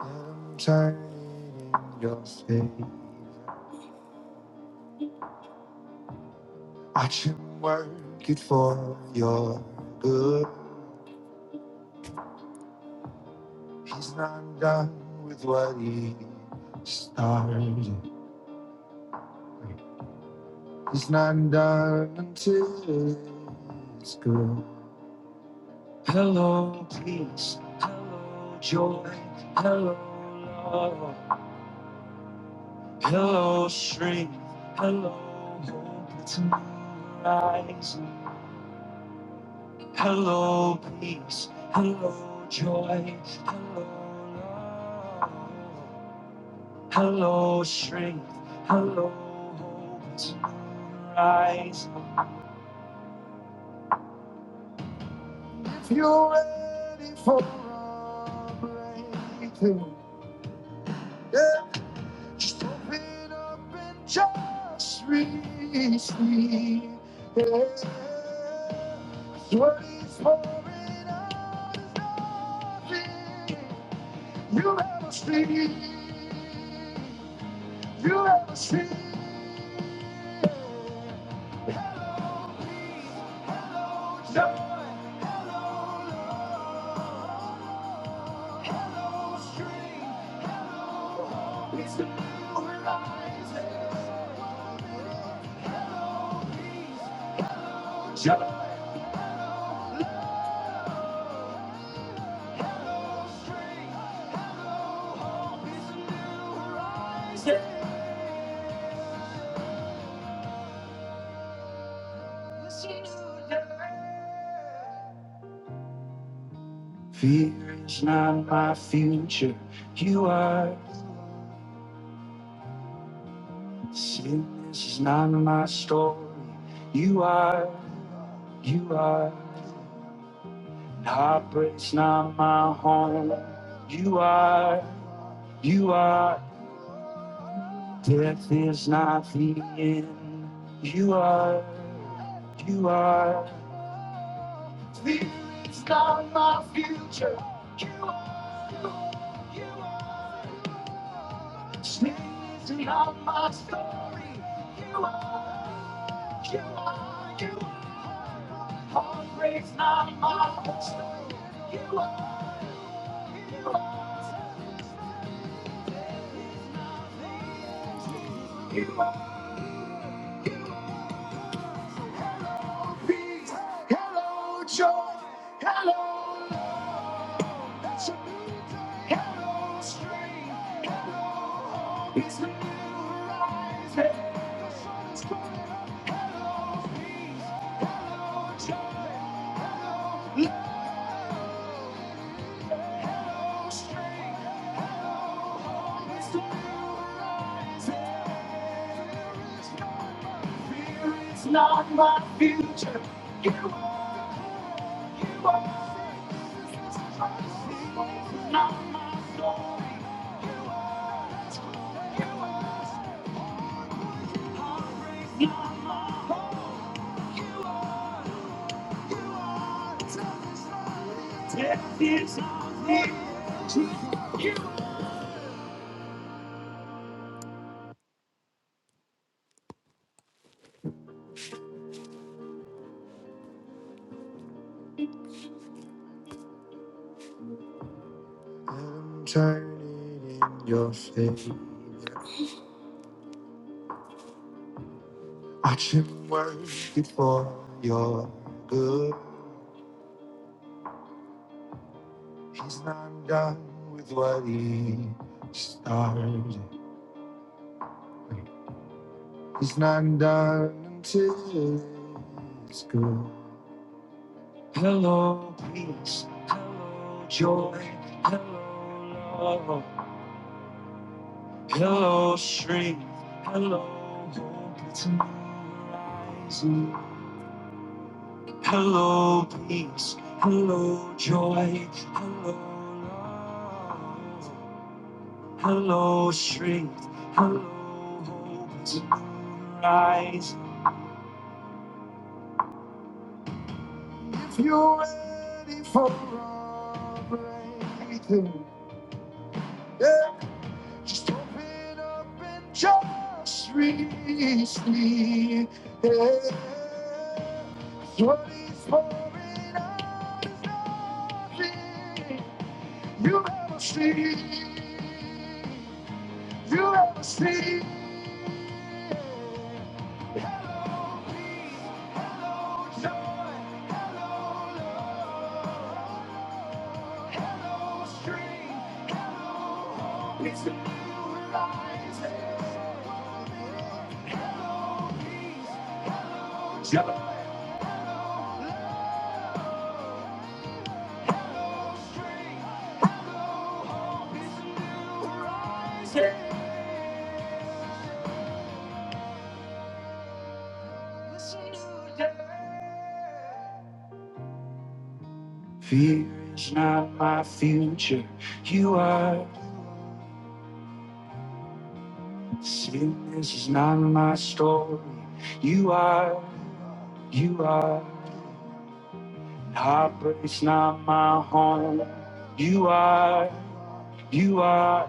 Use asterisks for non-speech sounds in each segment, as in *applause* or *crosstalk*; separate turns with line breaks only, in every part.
I'm turning in your favor. I can work it for your good. He's not done with what he started. He's not done until it's good. Hello, peace. Hello, joy. Hello, love. Hello, strength. Hello, hope. It's a new horizon. Hello, peace. Hello, joy. Hello, love. Hello, strength. Hello, hope to rise. If you're ready for a breakthrough, yeah, just open up and just receive. Yeah. What is he's pouring out is nothing. You'll never see. You'll never see. what dark dream is the horizon. Fear is not my future. You are. Sin is not my story. You are. You are. Heartbreak's not my home. You are. You are. Death is not the end. You are. You are. It's not my future. You are, you are. You are. It's not my story. You are, you are, you are. Heartbreak's not my story. You are, you are. Peace. Hello, joy. Hello, truth. Hello, strength. It's, it's, it's not my future. You are, you are. It's not my story. Death is I'm turning in your favor. I Watching work before your good. He's not done with what he started. He's not done until it's good. Hello, peace. Hello, joy. Hello, love. Hello, strength. Hello, hope. It's a new horizon. Hello, peace. Hello, joy. Hello, love. Hello, strength. Hello, hope. It's rise. If you're ready for a breakthrough, yeah, just open up and just receive. Yeah. What he's pouring out is nothing. You never see, you never see no stranger. Fear is not my future. You are. Sickness is not my story. You are. You are. Heartbreak's not my home. You are. You are.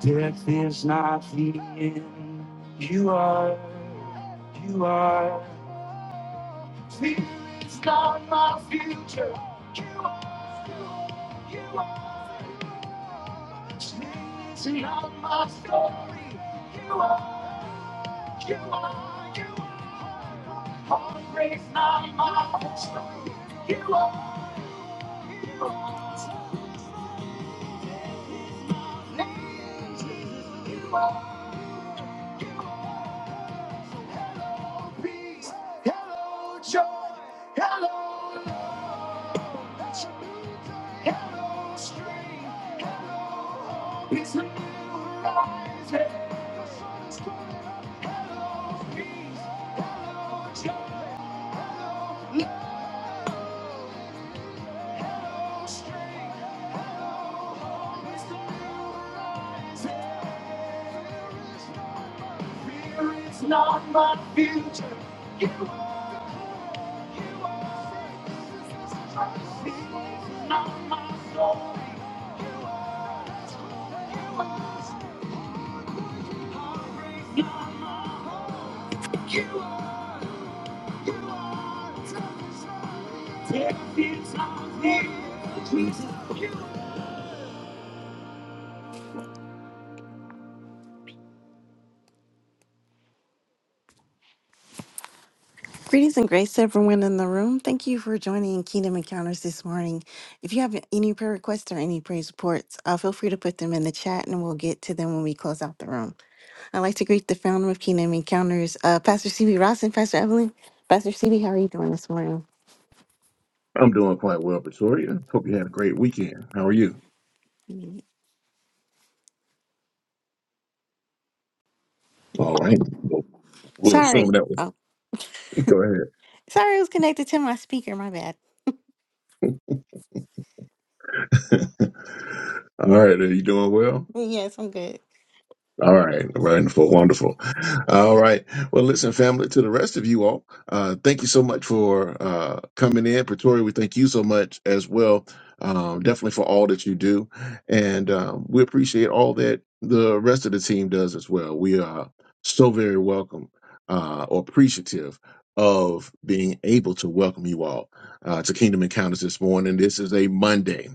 Death is not the end. You are. You are. Fear is not my future. See on my story. you are, you are, you are hungry, it's not my story. You are, lonely, you are peace, hello joy, hello, hello strength. Peace in your eyes, hey, peace, your love is the reason. Fear It's not my future. You are, you are, peace is trust, it's not my soul. You are, take this on me, Jesus. Greetings and grace to everyone in the room. Thank you for joining Kingdom Encounters this morning. If you have any prayer requests or any praise reports, uh, feel free to put them in the chat and we'll get to them when we close out the room. I'd like to greet the founder of Kingdom Encounters, uh, Pastor CB Ross and Pastor Evelyn. Pastor CB, how are you doing this morning?
I'm doing quite well, Victoria. Hope you had a great weekend. How are you? All right. We'll we'll
Sorry.
assume that was.
Oh,
*laughs* Go
sorry, it was connected to my speaker. My bad.
ahead. *laughs* All right. Are you doing well?
Yes, I'm good.
All right, wonderful, wonderful. All right. Well, listen, family, to the rest of you all, uh, thank you so much for uh, coming in. Pretoria, we thank you so much as well, um, definitely for all that you do. And um, we appreciate all that the rest of the team does as well. We are so very welcome uh, or appreciative of being able to welcome you all uh, to Kingdom Encounters this morning. This is a Monday,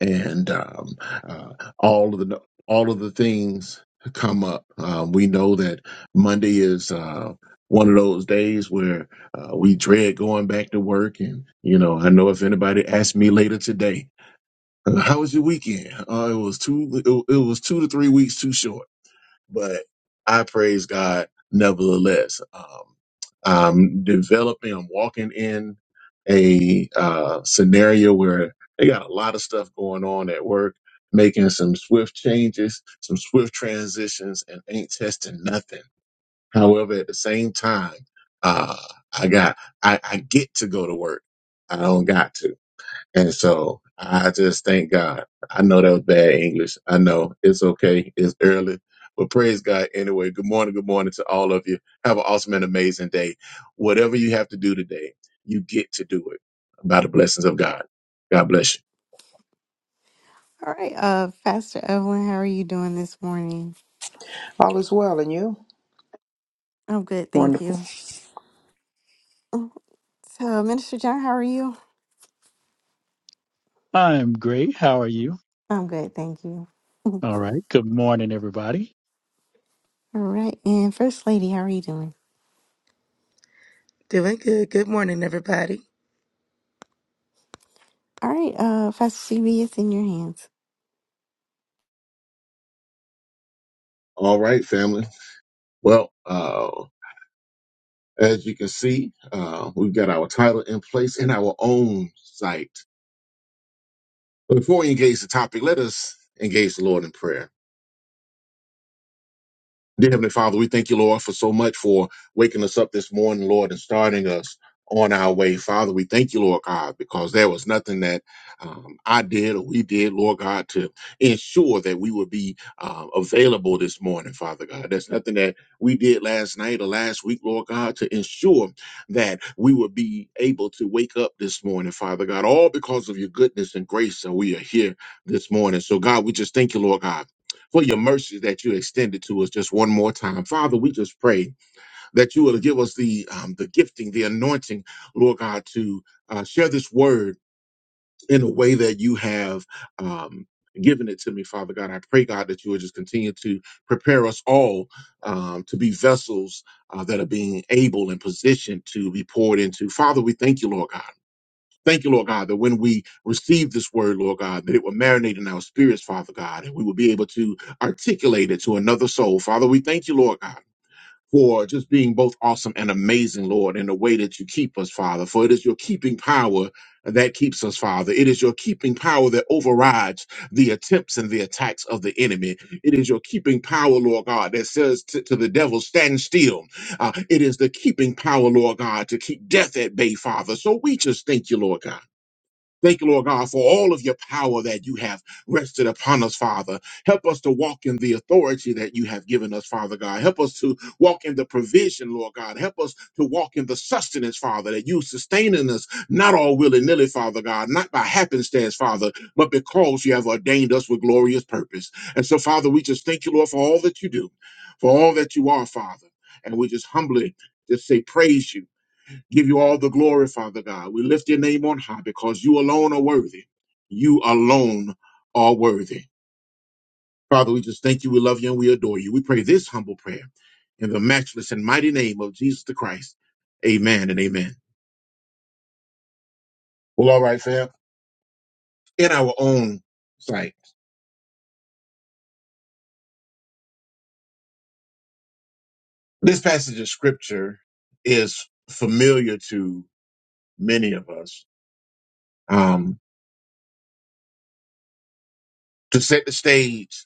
and um, uh, all of the all of the things come up. Uh, we know that Monday is uh, one of those days where uh, we dread going back to work. And, you know, I know if anybody asks me later today, *laughs* "Uh, how was your weekend? Uh, it was two, it, it was two to three weeks too short but I praise God nevertheless. Um, I'm developing, I'm walking in a uh, scenario where they got a lot of stuff going on at work, making some swift changes, some swift transitions, and ain't testing nothing. However, at the same time, uh, I got I, I get to go to work. I don't got to. And so I just thank God. I know that was bad English. I know it's okay. It's early, but praise God anyway. Good morning. Good morning to all of you. Have an awesome and amazing day. Whatever you have to do today, you get to do it by the blessings of God. God bless you.
All right. Uh, Pastor Evelyn, how are you doing this morning?
All is well, and you?
I'm good. Thank
Wonderful.
you. Oh, So, Minister John, how are you?
I'm great. How are you?
I'm good. Thank you.
All right. Good morning, everybody.
All right. And First Lady, how are you doing?
Doing good. Good morning, everybody.
All right. Uh, Pastor CB, it's in your hands.
All right, family. Well, uh, as you can see, uh, we've got our title in place in our own site. But before we engage the topic, let us engage the Lord in prayer. Dear Heavenly Father, we thank you, Lord, for so much for waking us up this morning, Lord, and starting us on our way. Father, we thank you, Lord God, because there was nothing that um, I did or we did, Lord God, to ensure that we would be um, available this morning, Father God. There's nothing that we did last night or last week, Lord God, to ensure that we would be able to wake up this morning, Father God, all because of your goodness and grace. And we are here this morning. So, God, we just thank you, Lord God for your mercies that you extended to us just one more time. Father, we just pray that you will give us the um, the gifting, the anointing, Lord God, to uh, share this word in a way that you have um, given it to me, Father God. I pray, God, that you will just continue to prepare us all um, to be vessels uh, that are being able and positioned to be poured into. Father, we thank you, Lord God. Thank you, Lord God, that when we receive this word, Lord God, that it will marinate in our spirits, Father God, and we will be able to articulate it to another soul. Father, we thank you, Lord God. For just being both awesome and amazing, Lord, in the way that you keep us, Father. For it is your keeping power that keeps us, Father. It is your keeping power that overrides the attempts and the attacks of the enemy. It is your keeping power, Lord God, that says to, to the devil, stand still. Uh, it is the keeping power, Lord God, to keep death at bay, Father. So we just thank you, Lord God. Thank you, Lord God, for all of your power that you have rested upon us, Father. Help us to walk in the authority that you have given us, Father God. Help us to walk in the provision, Lord God. Help us to walk in the sustenance, Father, that you sustaining us, not all willy nilly, Father God, not by happenstance, Father, but because you have ordained us with glorious purpose. And so, Father, we just thank you, Lord, for all that you do, for all that you are, Father. And we just humbly just say, praise you give you all the glory, Father God. We lift your name on high because you alone are worthy. You alone are worthy. Father, we just thank you, we love you, and we adore you. We pray this humble prayer in the matchless and mighty name of Jesus the Christ. Amen and amen. Well, all right, fam. In our own sight, this passage of scripture is familiar to many of us. Um, to set the stage,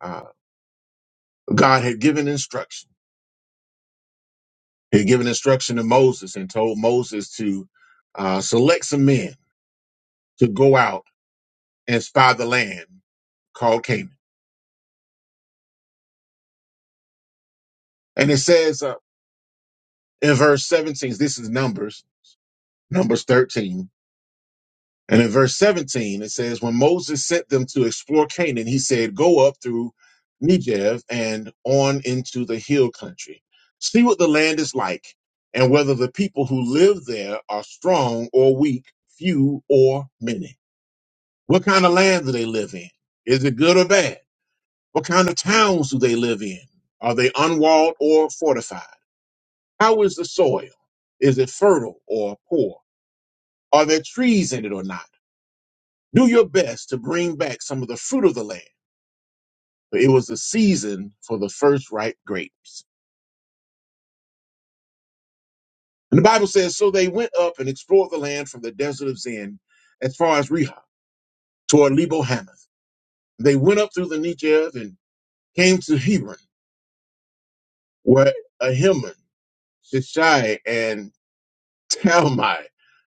uh, God had given instructions He had given instruction to Moses and told Moses to uh, select some men to go out and spy the land called Canaan. And it says uh, in verse 17, this is Numbers, Numbers 13. And in verse 17, it says, When Moses sent them to explore Canaan, he said, Go up through Negev and on into the hill country. See what the land is like and whether the people who live there are strong or weak, few or many. What kind of land do they live in? Is it good or bad? What kind of towns do they live in? Are they unwalled or fortified? How is the soil? Is it fertile or poor? Are there trees in it or not? Do your best to bring back some of the fruit of the land. For it was the season for the first ripe grapes. And the Bible says, So they went up and explored the land from the desert of Zin as far as Rehob toward Lebo Hamath. They went up through the Negev and came to Hebron, where Ahiman Shishai, and Talmai,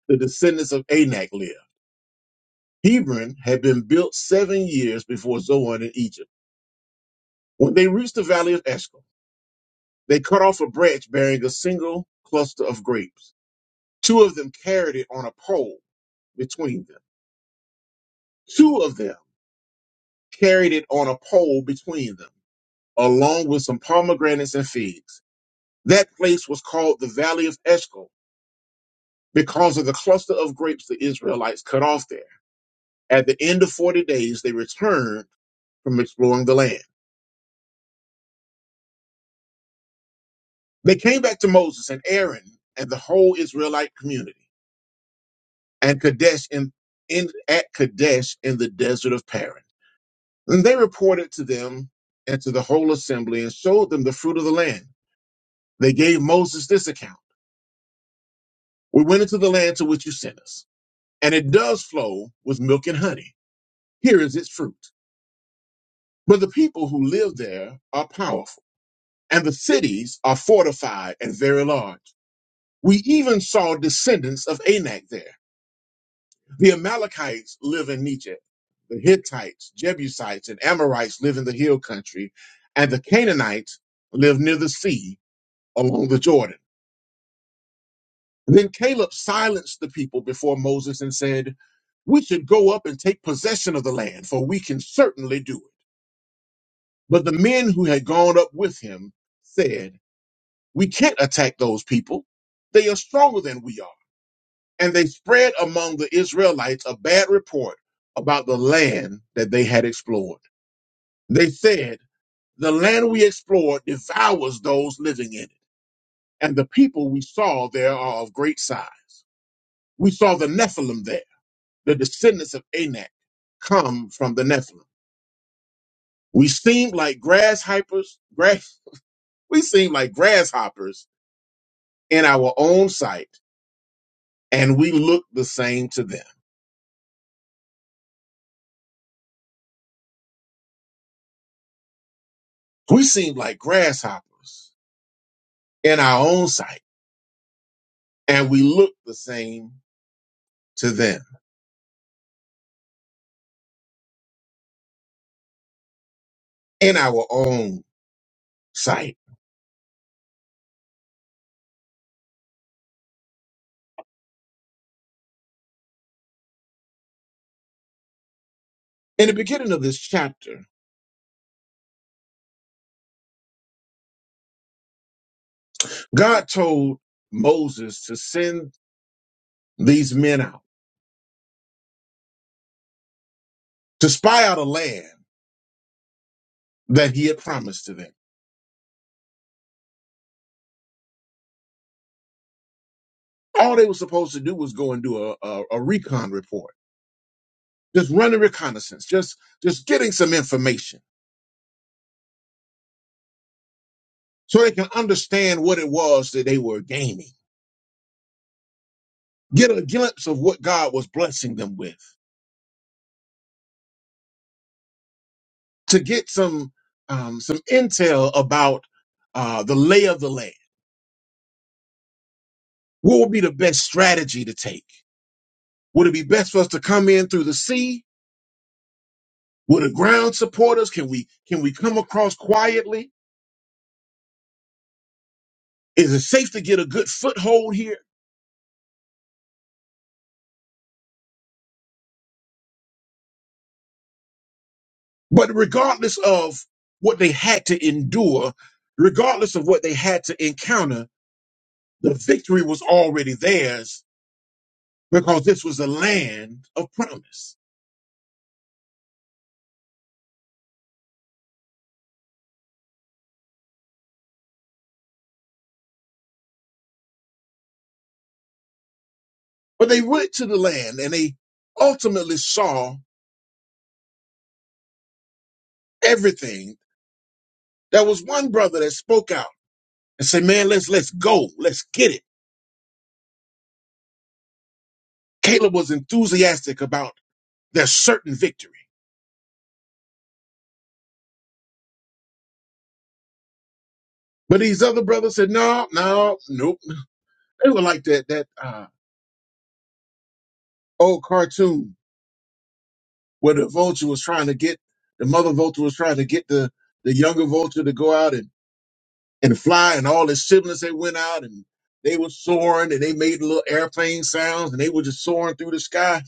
the descendants of Anak, lived. Hebron had been built seven years before Zoan in Egypt. When they reached the valley of Eshcol, they cut off a branch bearing a single cluster of grapes. Two of them carried it on a pole between them. Two of them carried it on a pole between them, along with some pomegranates and figs. That place was called the Valley of Eshcol because of the cluster of grapes the Israelites cut off there. At the end of 40 days, they returned from exploring the land. They came back to Moses and Aaron and the whole Israelite community and Kadesh in, in, at Kadesh in the desert of Paran. And they reported to them and to the whole assembly and showed them the fruit of the land. They gave Moses this account. We went into the land to which you sent us, and it does flow with milk and honey. Here is its fruit. But the people who live there are powerful, and the cities are fortified and very large. We even saw descendants of Anak there. The Amalekites live in Negev. The Hittites, Jebusites, and Amorites live in the hill country, and the Canaanites live near the sea along the Jordan. Then Caleb silenced the people before Moses and said, We should go up and take possession of the land, for we can certainly do it. But the men who had gone up with him said, We can't attack those people. They are stronger than we are And they spread among the Israelites a bad report about the land that they had explored. They said, The land we explored devours those living in it, and the people we saw there are of great size. We saw the Nephilim there, the descendants of Anak come from the Nephilim. We seemed like grasshoppers, grass, *laughs* we seemed like grasshoppers in our own sight, and we looked the same to them. We seemed like grasshoppers in our own sight and we look the same to them in our own sight. In the beginning of this chapter, God told Moses to send these men out to spy out a land that he had promised to them. All they were supposed to do was go and do a, a, a recon report, just running reconnaissance, just just getting some information so they can understand what it was that they were gaining, get a glimpse of what God was blessing them with. to get some um, some intel about uh, the lay of the land. What would be the best strategy to take? Would it be best for us to come in through the sea? Would the ground support us? Can we can we come across quietly? Is it safe to get a good foothold here? But regardless of what they had to endure, regardless of what they had to encounter, the victory was already theirs because this was a land of promise. But they went to the land and they ultimately saw everything. There was one brother that spoke out and said, "Man, let's let's go, let's get it." Caleb was enthusiastic about their certain victory, but these other brothers said, "No, no, nope." They were like that that uh, old cartoon where the vulture was trying to get the mother vulture was trying to get the the younger vulture to go out and and fly, and all his siblings they went out and they were soaring and they made little airplane sounds and they were just soaring through the sky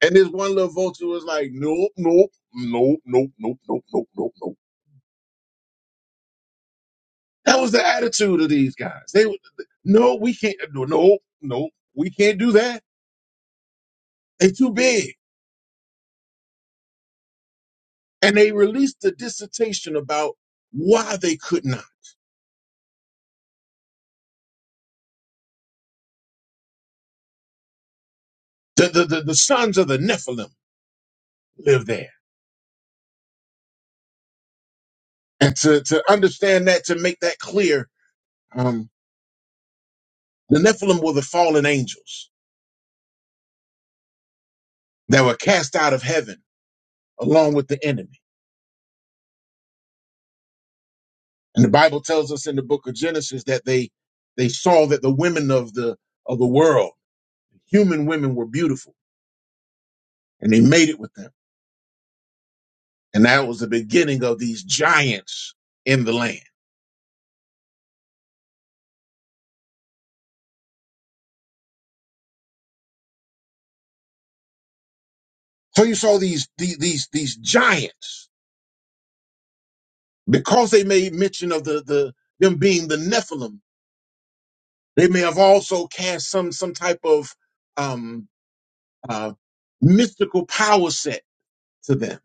And this one little vulture was like, nope, nope, nope, nope, nope, nope, nope, nope, nope. That was the attitude of these guys. They, were- no, we can't, no, no, no, we can't do that. They too big. And they released the dissertation about why they could not. The, the, the, the sons of the Nephilim live there. And to, to understand that, to make that clear, um, the Nephilim were the fallen angels that were cast out of heaven along with the enemy. And the Bible tells us in the book of Genesis that they they saw that the women of the of the world, human women were beautiful, and they made it with them. And that was the beginning of these giants in the land. So you saw these these these, these giants because they made mention of the the them being the Nephilim. They may have also cast some some type of um uh mystical power set to them.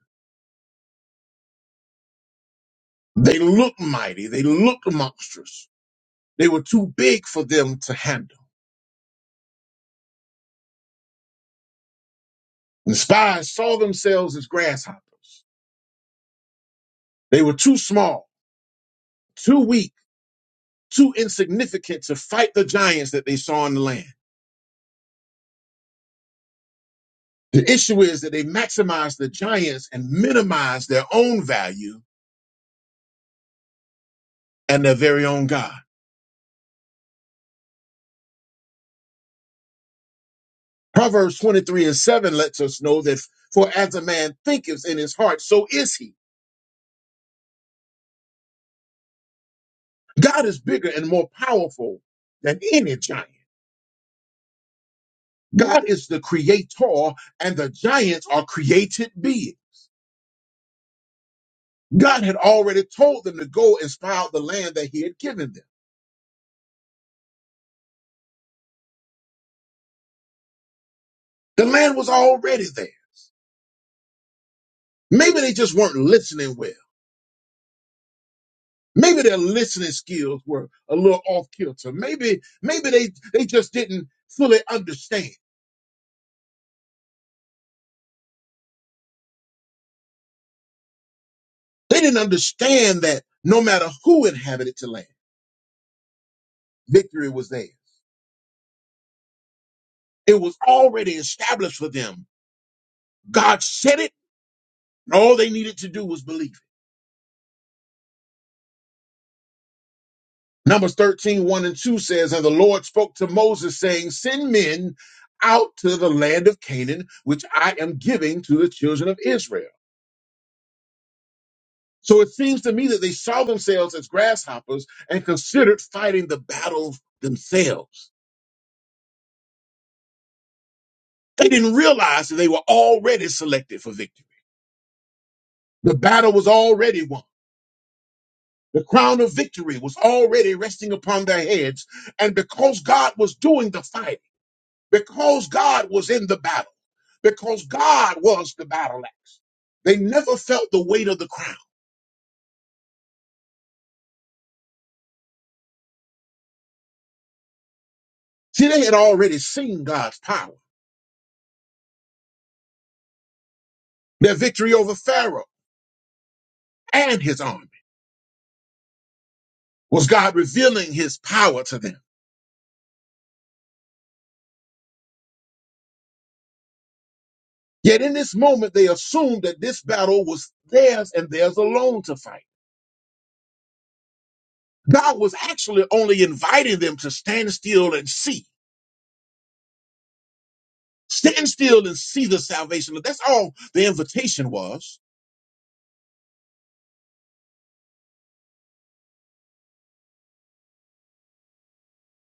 They looked mighty. They looked monstrous. They were too big for them to handle. The spies saw themselves as grasshoppers. They were too small, too weak, too insignificant to fight the giants that they saw in the land. The issue is that they maximized the giants and minimized their own value and their very own God. Proverbs 23 and 7 lets us know that for as a man thinketh in his heart, so is he. God is bigger and more powerful than any giant. God is the creator and the giants are created beings. God had already told them to go and spy out the land that he had given them. The land was already there. Maybe they just weren't listening well. Maybe their listening skills were a little off kilter. Maybe, maybe they, they just didn't fully understand. They didn't understand that no matter who inhabited the land, victory was theirs. It was already established for them. God said it. and All they needed to do was believe. Numbers thirteen one and 2 says, And the Lord spoke to Moses, saying, Send men out to the land of Canaan, which I am giving to the children of Israel. So it seems to me that they saw themselves as grasshoppers and considered fighting the battle themselves. They didn't realize that they were already selected for victory. The battle was already won. The crown of victory was already resting upon their heads. And because God was doing the fighting, because God was in the battle, because God was the battle axe. They never felt the weight of the crown. See, they had already seen God's power. Their victory over Pharaoh and his army was God revealing his power to them. Yet in this moment, they assumed that this battle was theirs and theirs alone to fight. God was actually only inviting them to stand still and see. Stand still and see the salvation. That's all the invitation was.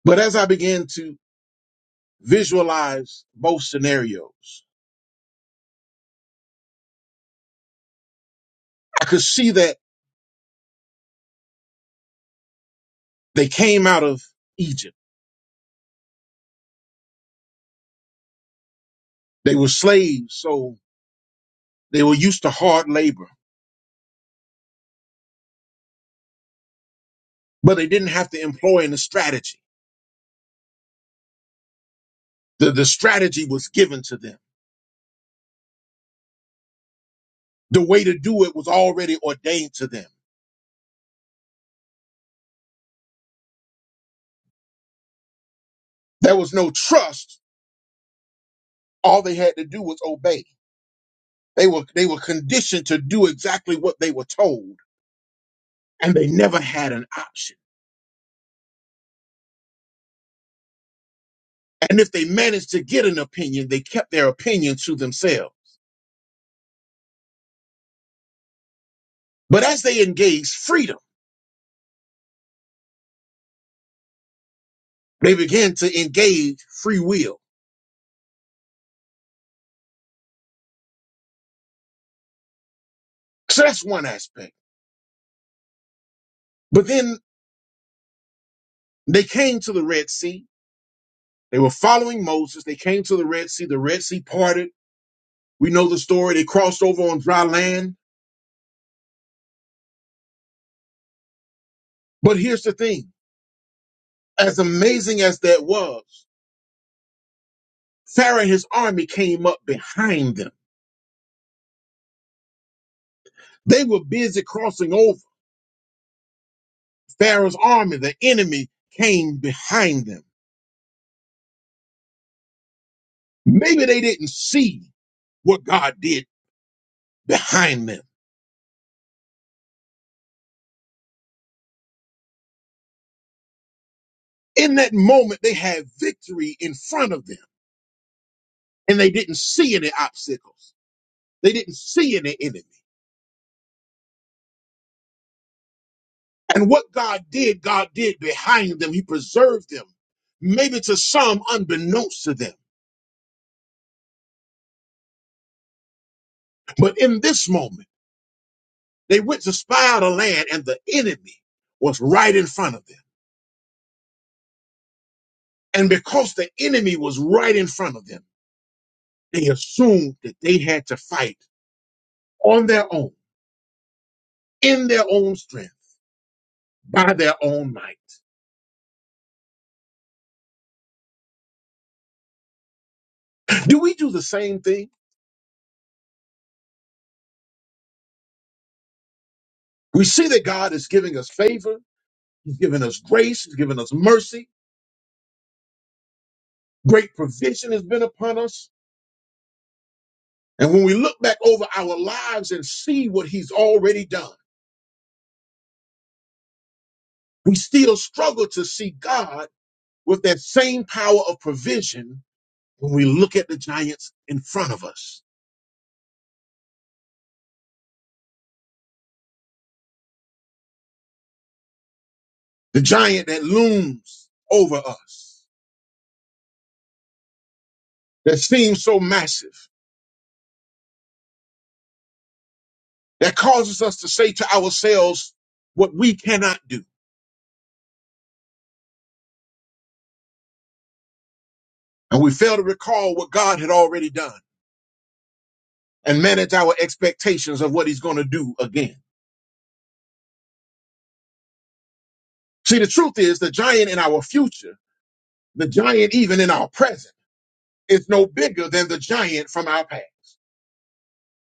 But as I began to visualize both scenarios. I could see that they came out of Egypt. They were slaves, so they were used to hard labor, but they didn't have to employ any strategy. The, the strategy was given to them. The way to do it was already ordained to them. There was no trust. All they had to do was obey. They were, they were conditioned to do exactly what they were told, and they never had an option. And if they managed to get an opinion, they kept their opinion to themselves. But as they engaged freedom, They began to engage free will. So that's one aspect. But then they came to the Red Sea. They were following Moses. They came to the Red Sea. The Red Sea parted. We know the story. They crossed over on dry land. But here's the thing as amazing as that was, Pharaoh and his army came up behind them. They were busy crossing over. Pharaoh's army, the enemy, came behind them. Maybe they didn't see what God did behind them. In that moment, they had victory in front of them and they didn't see any obstacles. They didn't see any enemy. And what God did, God did behind them. He preserved them, maybe to some unbeknownst to them. But in this moment, they went to spy out a land and the enemy was right in front of them. And because the enemy was right in front of them, they assumed that they had to fight on their own, in their own strength, by their own might. Do we do the same thing? We see that God is giving us favor. He's giving us grace. He's giving us mercy. Great provision has been upon us. And when we look back over our lives and see what he's already done, we still struggle to see God with that same power of provision when we look at the giants in front of us, the giant that looms over us, that seems so massive, that causes us to say to ourselves what we cannot do. And we fail to recall what God had already done. and manage our expectations of what he's going to do again. See, the truth is the giant in our future, the giant even in our present, is no bigger than the giant from our past.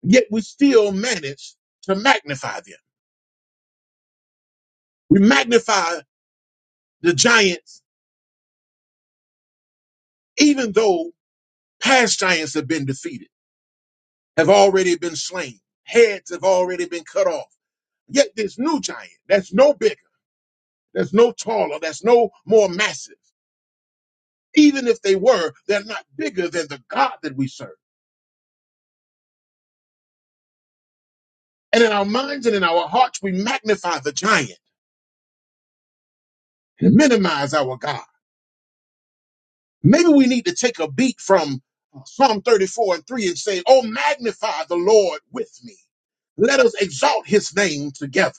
Yet we still manage to magnify them. We magnify the giants, even though past giants have been defeated, have already been slain, heads have already been cut off. Yet this new giant that's no bigger, that's no taller, that's no more massive, even if they were, they're not bigger than the God that we serve. And in our minds and in our hearts, we magnify the giant and minimize our God. Maybe we need to take a beat from uh, Psalm 34 and 3 and say, Oh, magnify the Lord with me. Let us exalt his name together.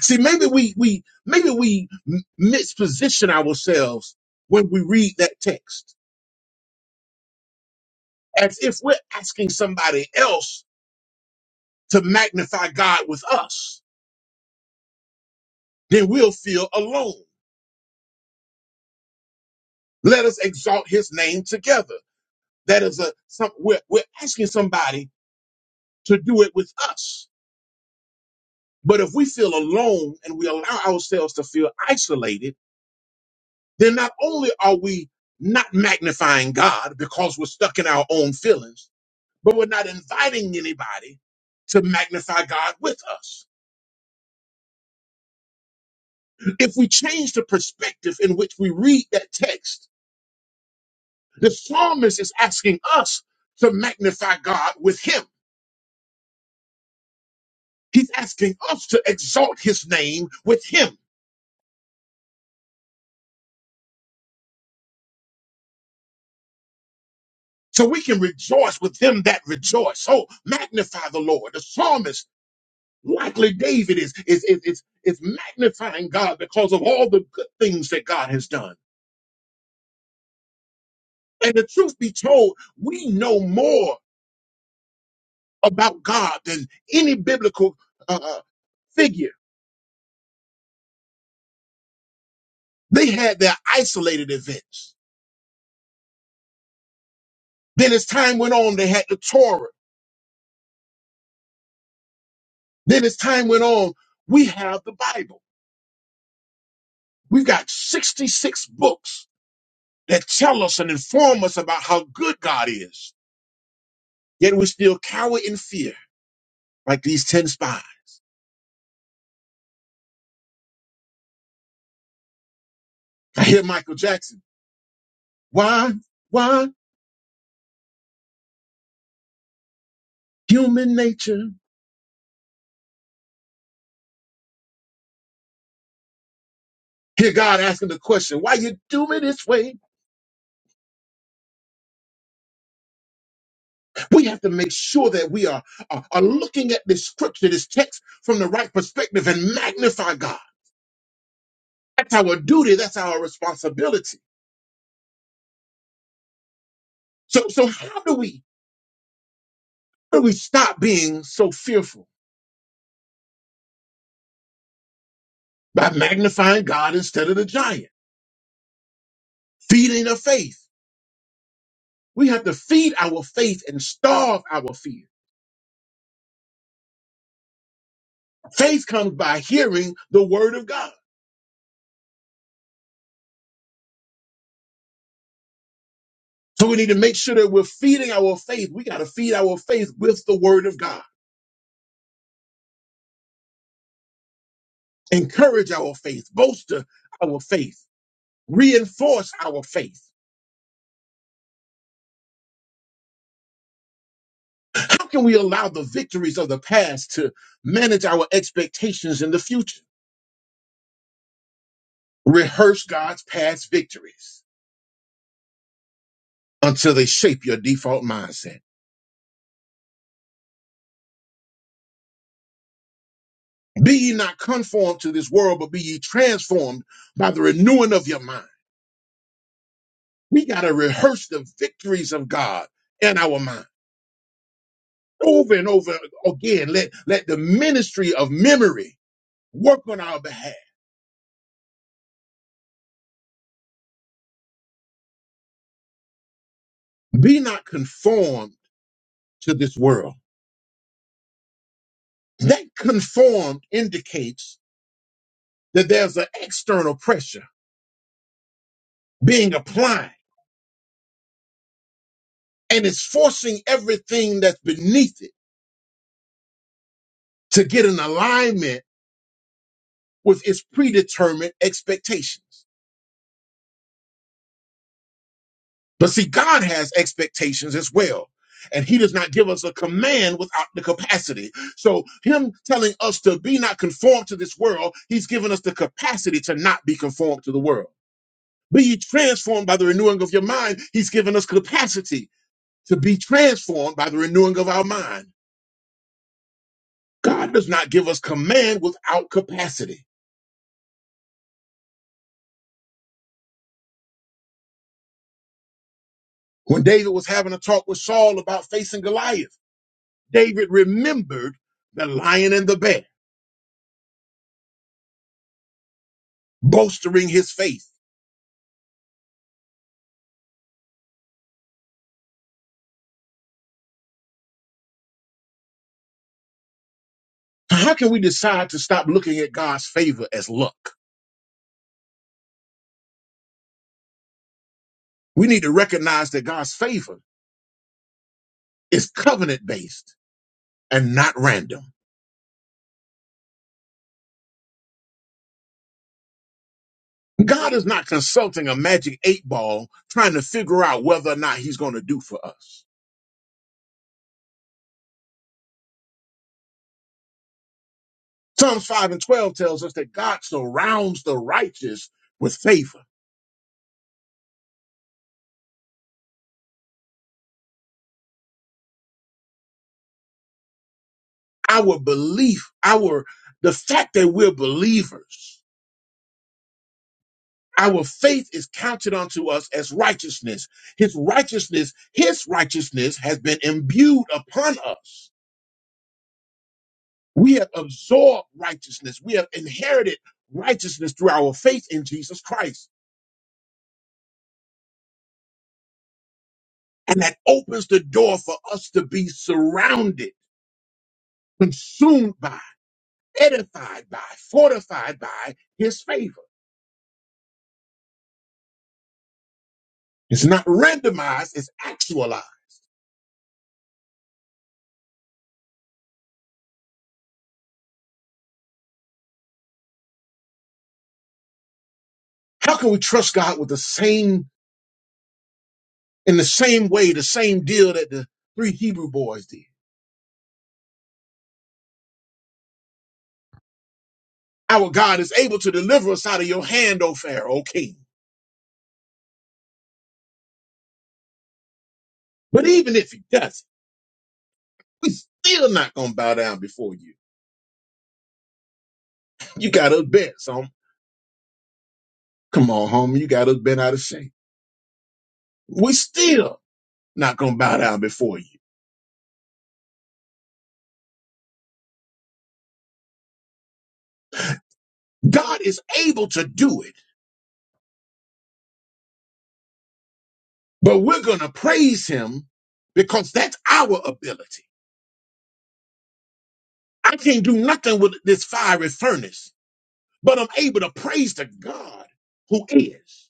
See, maybe we, we, maybe we m- misposition ourselves when we read that text as if we're asking somebody else to magnify God with us, then we'll feel alone. Let us exalt his name together. That is a some we're, we're asking somebody to do it with us. But if we feel alone and we allow ourselves to feel isolated, then not only are we not magnifying God because we're stuck in our own feelings, but we're not inviting anybody to magnify God with us. If we change the perspective in which we read that text, the psalmist is asking us to magnify God with him. He's asking us to exalt his name with him. So we can rejoice with them that rejoice. So magnify the Lord. The psalmist, likely David, is, is, is, is, is magnifying God because of all the good things that God has done. And the truth be told, we know more about God than any biblical uh, uh, figure. They had their isolated events. Then as time went on, they had the Torah. Then as time went on, we have the Bible. We've got 66 books that tell us and inform us about how good God is. Yet we still cower in fear, like these 10 spies. I hear Michael Jackson. Why? Why? Human nature. Hear God asking the question, why you do it this way? We have to make sure that we are, are, are looking at this scripture, this text from the right perspective and magnify God. That's our duty. That's our responsibility. So, so how do we, how do we stop being so fearful? By magnifying God instead of the giant, feeding the faith We have to feed our faith and starve our fear. Faith comes by hearing the word of God. So we need to make sure that we're feeding our faith. We got to feed our faith with the word of God. Encourage our faith, bolster our faith, reinforce our faith. How can we allow the victories of the past to manage our expectations in the future? Rehearse God's past victories until they shape your default mindset. Be ye not conformed to this world, but be ye transformed by the renewing of your mind. We got to rehearse the victories of God in our mind over and over again. Let, let the ministry of memory work on our behalf. Be not conformed to this world. That conformed indicates that there's an external pressure being applied and it's forcing everything that's beneath it to get in alignment with its predetermined expectations. But see, God has expectations as well. And he does not give us a command without the capacity. So, him telling us to be not conformed to this world, he's given us the capacity to not be conformed to the world. Be ye transformed by the renewing of your mind. He's given us capacity to be transformed by the renewing of our mind. God does not give us command without capacity. When David was having a talk with Saul about facing Goliath, David remembered the lion and the bear, bolstering his faith How can we decide to stop looking at God's favor as luck? We need to recognize that God's favor is covenant based and not random. God is not consulting a magic eight ball trying to figure out whether or not he's going to do for us. Psalms 5 and 12 tells us that God surrounds the righteous with favor. Our belief, our the fact that we're believers Our faith is counted unto us as righteousness. His righteousness, his righteousness has been imbued upon us. We have absorbed righteousness. We have inherited righteousness through our faith in Jesus Christ. And that opens the door for us to be surrounded, consumed by, edified by, fortified by his favor. It's not randomized, it's actualized. How can we trust God with the same, in the same way, the same deal that the three Hebrew boys did? Our God is able to deliver us out of your hand, O Pharaoh, O king. But even if he does, we still not gonna bow down before you. You got us bent, so come on, homie, you got us bent out of shape. We still not gonna bow down before you. God is able to do it, but we're gonna praise him because that's our ability. I can't do nothing with this fiery furnace, but I'm able to praise the God who is.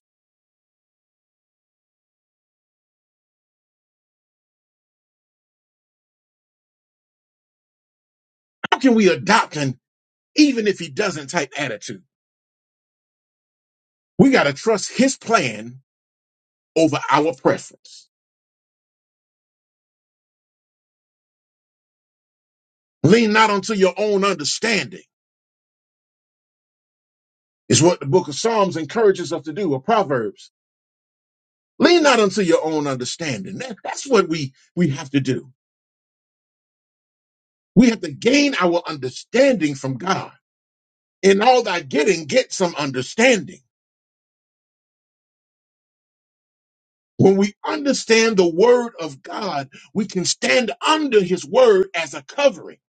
How can we adopt an even if he doesn't type attitude? We got to trust his plan over our preference. Lean not unto your own understanding, is what the book of Psalms encourages us to do, or Proverbs. Lean not unto your own understanding. That- that's what we, we have to do. We have to gain our understanding from God. In all thy getting, get some understanding. When we understand the word of God, we can stand under his word as a covering.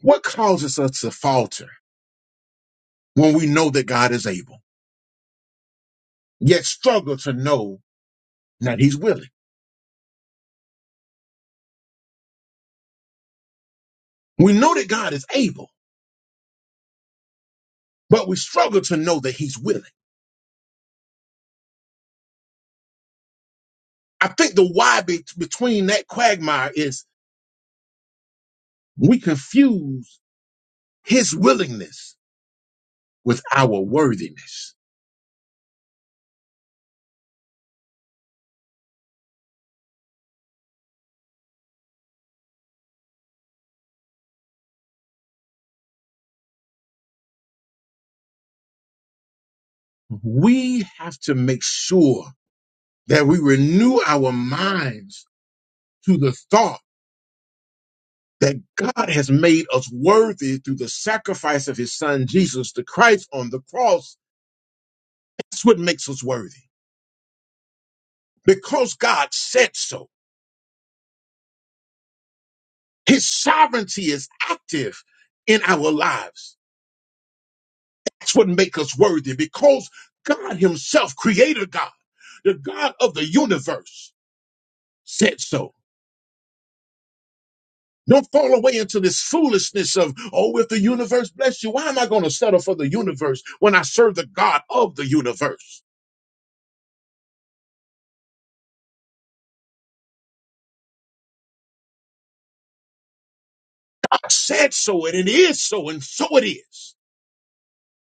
What causes us to falter when we know that God is able, yet struggle to know that he's willing. We know that God is able, but we struggle to know that he's willing. I think the why be- between that quagmire is we confuse his willingness with our worthiness. We have to make sure that we renew our minds to the thought that God has made us worthy through the sacrifice of his son Jesus the Christ on the cross. That's what makes us worthy because God said so. His sovereignty is active in our lives. That's what makes us worthy because God Himself, Creator God, the God of the universe, said so. Don't fall away into this foolishness of, oh, if the universe bless you, why am I going to settle for the universe when I serve the God of the universe? God said so, and it is so, and so it is.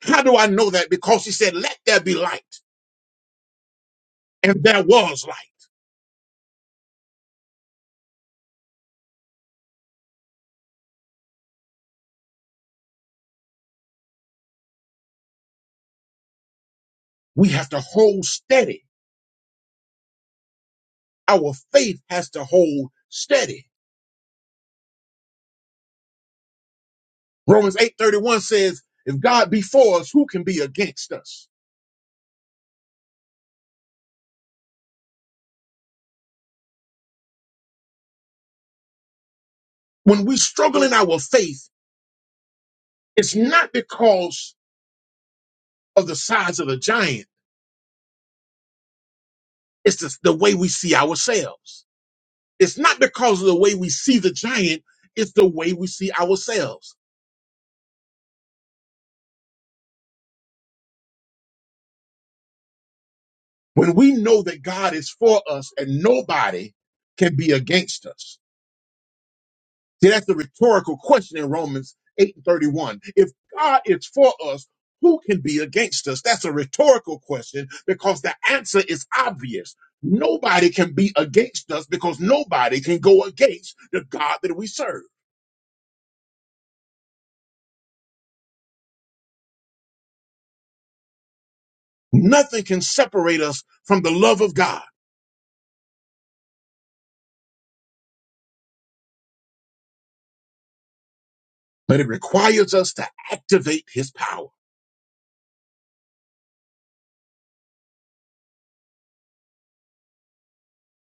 How do I know that? Because He said, let there be light, and there was light. We have to hold steady our faith has to hold steady. Romans 8:31 says, if God be for us, who can be against us? When we struggle in our faith, it's not because of the size of the giant, it's the, the way we see ourselves. It's not because of the way we see the giant, it's the way we see ourselves. When we know that God is for us and nobody can be against us, See, that's the rhetorical question in Romans 8 and 31. If God is for us, who can be against us? That's a rhetorical question because the answer is obvious. Nobody can be against us because nobody can go against the God that we serve. Nothing can separate us from the love of God, but it requires us to activate his power.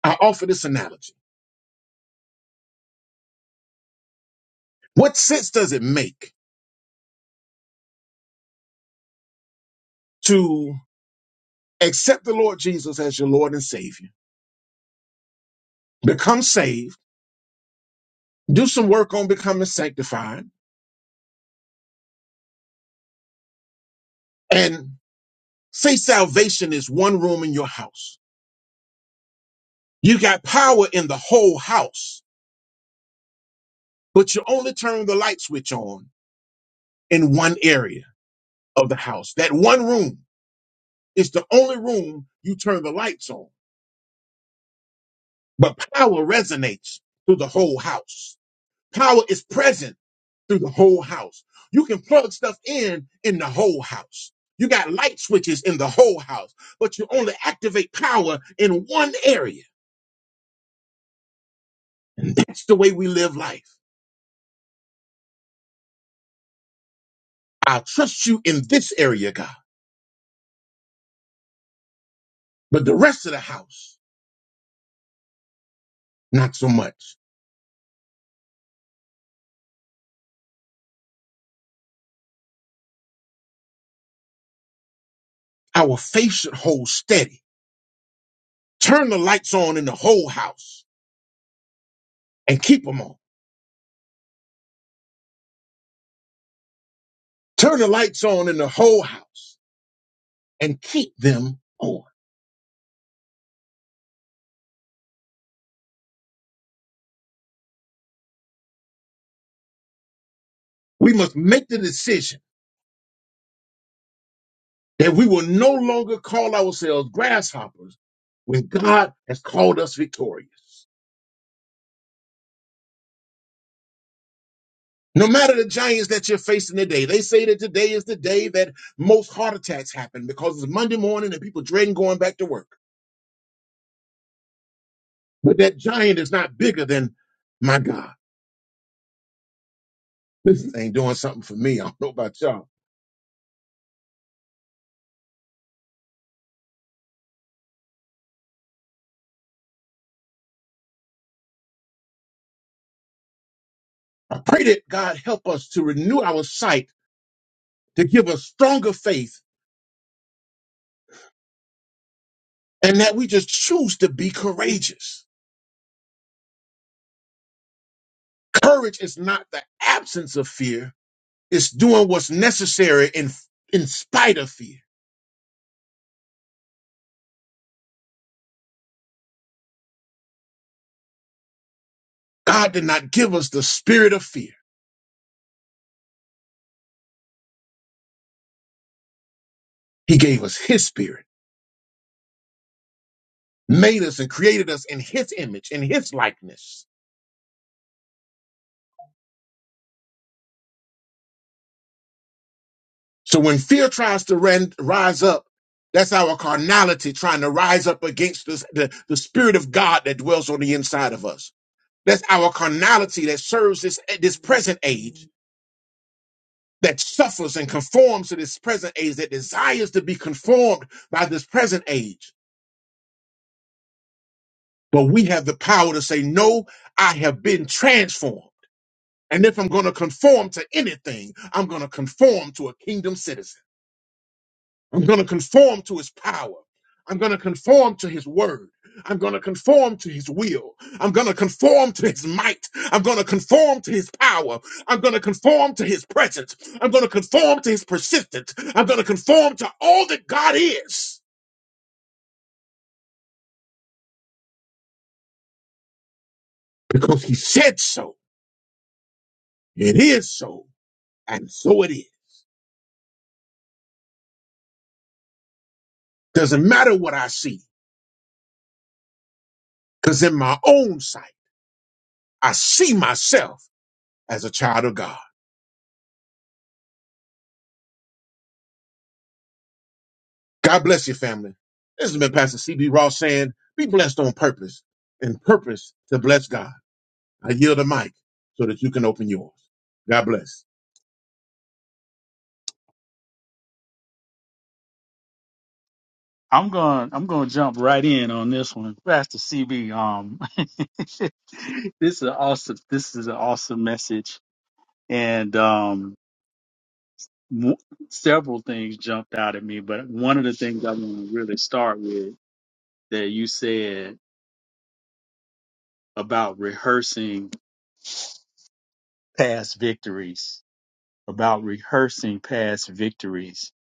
I offer this analogy. What sense does it make to accept the Lord Jesus as your Lord and Savior, become saved? do some work on becoming sanctified and say salvation is one room in your house. You got power in the whole house, but you only turn the light switch on in one area of the house. That one room is the only room you turn the lights on, but power resonates through the whole house. Power is present through the whole house. You can plug stuff in in the whole house. You got light switches in the whole house, but you only activate power in one area That's the way we live life. I trust you in this area, God, but the rest of the house, not so much. Our faith should hold steady. Turn the lights on in the whole house and keep them on. Turn the lights on in the whole house and keep them on. We must make the decision that we will no longer call ourselves grasshoppers when God has called us victorious. No matter the giants that you're facing today, they say that today is the day that most heart attacks happen because it's Monday morning and people dreading going back to work. But that giant is not bigger than my God. This ain't doing something for me. *laughs* I don't know about y'all. I pray that God help us to renew our sight, to give us stronger faith, and that we just choose to be courageous. Courage is not the absence of fear, it's doing what's necessary in, in spite of fear. God did not give us the spirit of fear. He gave us his spirit, made us and created us in his image, in his likeness. So when fear tries to ran, rise up, that's our carnality trying to rise up against this, the, the spirit of God that dwells on the inside of us. That's our carnality that serves this, this present age, that suffers and conforms to this present age, that desires to be conformed by this present age. But we have the power to say, no, I have been transformed. And if I'm going to conform to anything, I'm going to conform to a kingdom citizen. I'm going to conform to his power. I'm going to conform to his word. I'm going to conform to his will. I'm going to conform to his might. I'm going to conform to his power. I'm going to conform to his presence. I'm going to conform to his persistence. I'm going to conform to all that God is because he said so. It is so. And so it is. Doesn't matter what I see because in my own sight, I see myself as a child of God. God bless your family. This has been Pastor CB Ross saying, be blessed on purpose and purpose to bless God. I yield the mic so that you can open yours. God bless.
I'm going. I'm going to jump right in on this one, Pastor CB. Um, *laughs* this is an awesome. This is an awesome message, and um, w- several things jumped out at me. But one of the things I want to really start with that you said about rehearsing past victories, about rehearsing past victories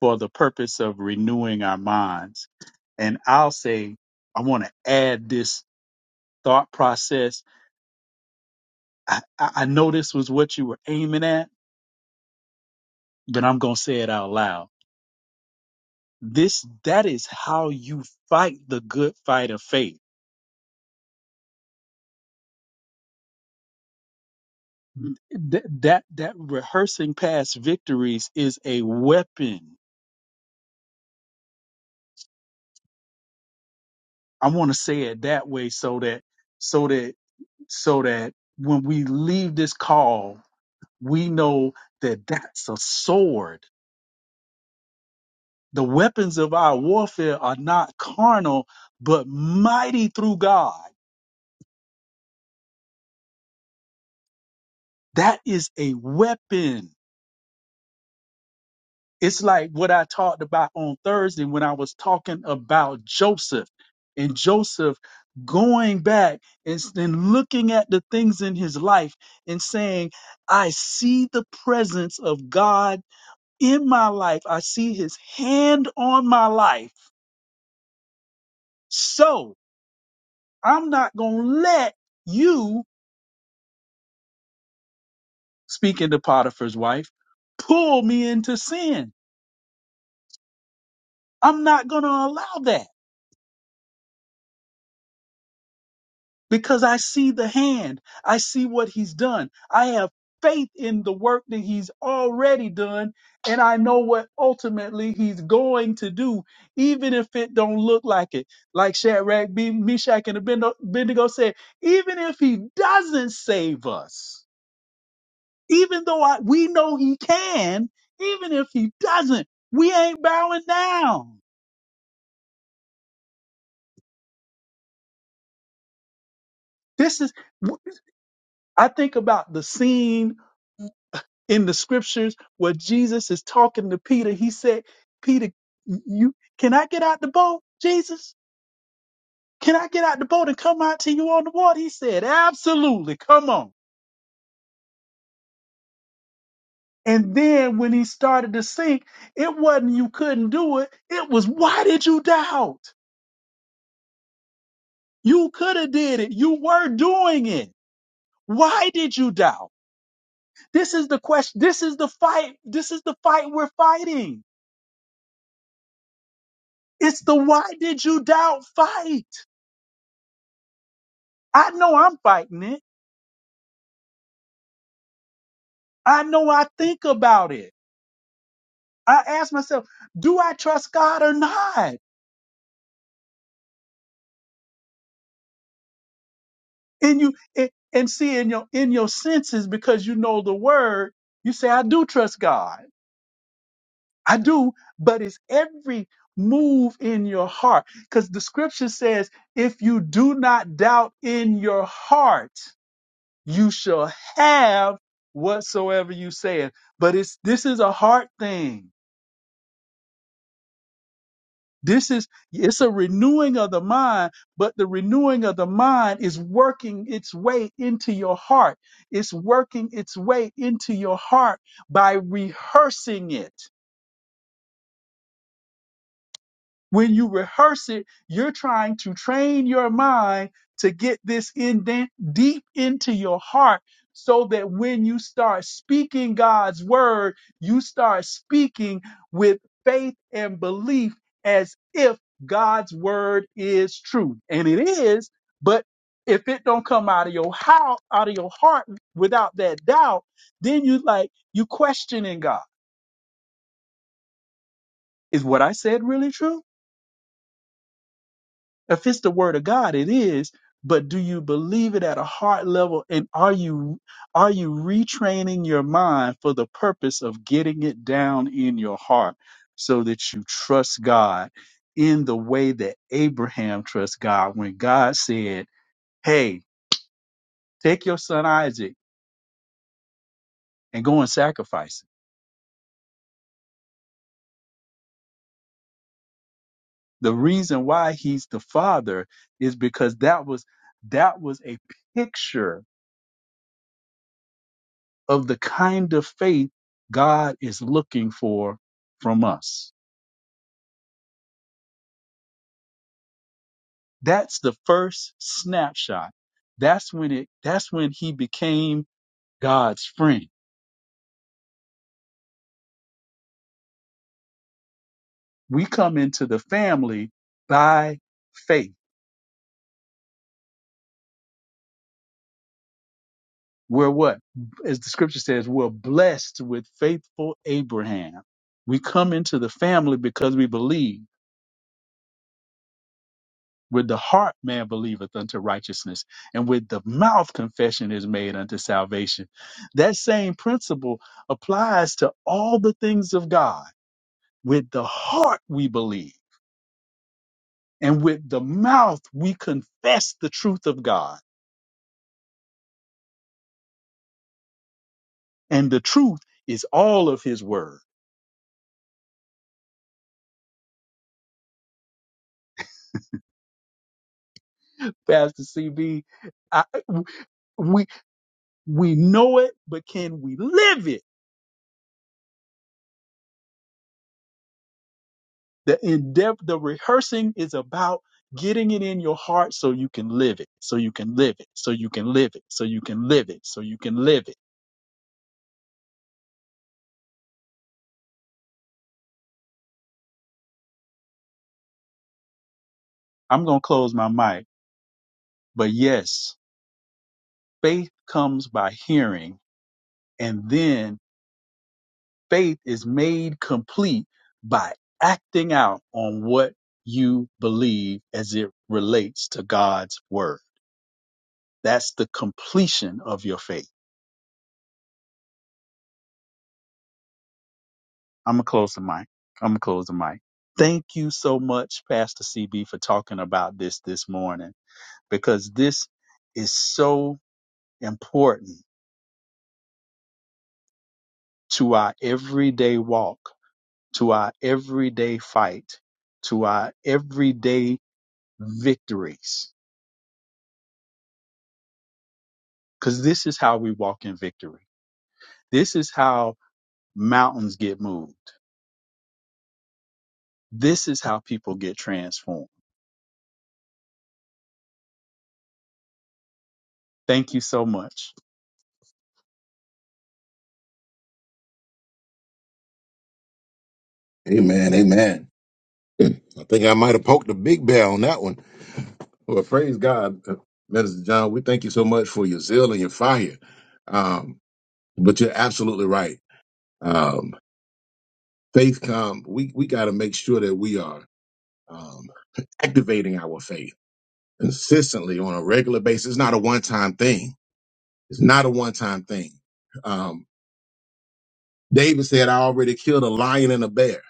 for the purpose of renewing our minds and I'll say, I want to add this thought process. I, I I know this was what you were aiming at, but I'm going to say it out loud. This, that is how you fight the good fight of faith. Th- that, that rehearsing past victories is a weapon. I want to say it that way so that, so that so that when we leave this call, we know that that's a sword The weapons of our warfare are not carnal, but mighty through God. That is a weapon. It's like what I talked about on Thursday when I was talking about Joseph and Joseph going back and, s- and looking at the things in his life and saying, I see the presence of God in my life. I see his hand on my life. So I'm not going to let you speaking to Potiphar's wife, pull me into sin. I'm not going to allow that because I see the hand. I see what he's done. I have faith in the work that he's already done and I know what ultimately he's going to do even if it don't look like it. Like Shadrach, B- Meshach and Abendo- Abednego said, even if he doesn't save us, even though I, we know he can, even if he doesn't, we ain't bowing down This is, I think about the scene in the scriptures where Jesus is talking to Peter. He said, Peter, you, can I get out the boat? Jesus, can I get out the boat and come out to you on the water? He said, absolutely. Come on. And then when he started to sink, it wasn't you couldn't do it. It was why did you doubt? You could have did it. You were doing it. Why did you doubt? This is the question. This is the fight. This is the fight we're fighting It's the why did you doubt fight. I know I'm fighting it. I know I think about it. I ask myself, do I trust God or not? And you and, and see in your in your senses because you know the word, you say, I do trust God. I do, but it's every move in your heart. Because the scripture says, if you do not doubt in your heart, you shall have whatsoever you say. But it's this is a heart thing This is it's a renewing of the mind, but the renewing of the mind is working its way into your heart. It's working its way into your heart by rehearsing it. When you rehearse it, you're trying to train your mind to get this in de- deep into your heart so that when you start speaking God's word, you start speaking with faith and belief as if God's word is true. And it is, but if it don't come out of your how out of your heart without that doubt, then you like you questioning God. Is what I said really true? If it's the word of God, it is. But do you believe it at a heart level? And are you are you retraining your mind for the purpose of getting it down in your heart so that you trust God in the way that Abraham trusts God when God said, Hey, take your son Isaac and go and sacrifice him. The reason why he's the father is because that was that was a picture of the kind of faith God is looking for from us. That's the first snapshot. That's when it that's when he became God's friend. We come into the family by faith. We're what? As the scripture says, we're blessed with faithful Abraham. We come into the family because we believe. With the heart man believeth unto righteousness, and with the mouth confession is made unto salvation. That same principle applies to all the things of God. With the heart we believe, and with the mouth we confess the truth of God. And the truth is all of his word. Pastor CB, we, we know it, but can we live it? The endeavor, the rehearsing is about getting it in your heart so you can live it, so you can live it, so you can live it, so you can live it, so you can live it. I'm going to close my mic. But yes, faith comes by hearing, and then faith is made complete by acting out on what you believe as it relates to God's word. That's the completion of your faith. I'm gonna close the mic. I'm gonna close the mic. Thank you so much, Pastor CB, for talking about this this morning because this is so important to our everyday walk, to our everyday fight, to our everyday victories. Because this is how we walk in victory. This is how mountains get moved. This is how people get transformed. Thank you so much.
Amen. Amen. I think I might have poked a big bear on that one. Well, praise God, uh, Minister John. We thank you so much for your zeal and your fire. Um, but you're absolutely right. Um, faith come. We we got to make sure that we are um, activating our faith. consistently on a regular basis. It's not a one time thing. It's not a one time thing. Um, David said, I already killed a lion and a bear.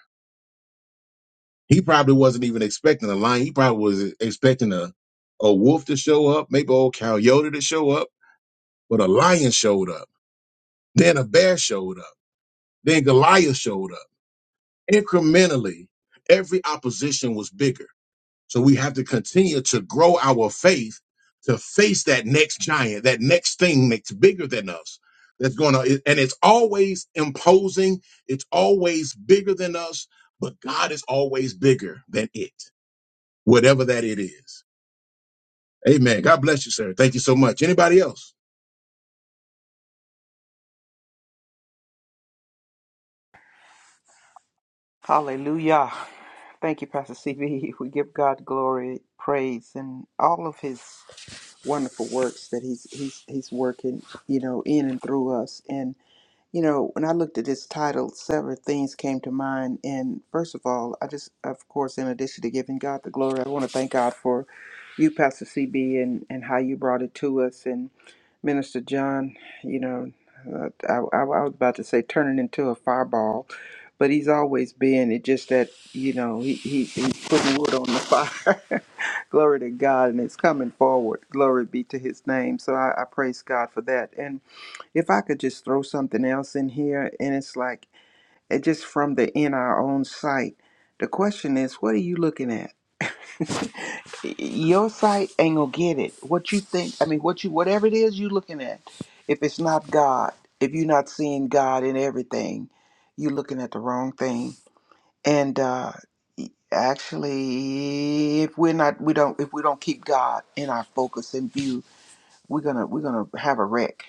He probably wasn't even expecting a lion. He probably was expecting a, a wolf to show up, maybe old coyote to show up, but a lion showed up. Then a bear showed up. Then Goliath showed up. Incrementally, every opposition was bigger So we have to continue to grow our faith to face that next giant, that next thing that's bigger than us. That's going to, and it's always imposing. It's always bigger than us, but God is always bigger than it, whatever that it is. Amen. God bless you, sir. Thank you so much. Anybody else?
Hallelujah. Thank you, Pastor CB. *laughs* We give God glory, praise, and all of his wonderful works that he's he's he's working, you know, in and through us. You know, when I looked at this title, several things came to mind. And first of all, I just, of course, in addition to giving God the glory, I want to thank God for you, Pastor CB, and, and how you brought it to us. And Minister John, you know, uh, I, I, I was about to say turning into a fireball, but he's always been. it. just that, you know, he, he, he's putting wood on the fire. *laughs* glory to God, and it's coming forward. Glory be to his name. So I, I praise God for that. And if I could just throw something else in here, and it's like it just from the in our own sight. The question is, what are you looking at? *laughs* Your sight ain't gonna get it. What you think? I mean, what you whatever it is you looking at. If it's not God, if you're not seeing God in everything, you're looking at the wrong thing. And uh, actually, if we're not, we don't, if we don't keep God in our focus and view, we're gonna we're gonna have a wreck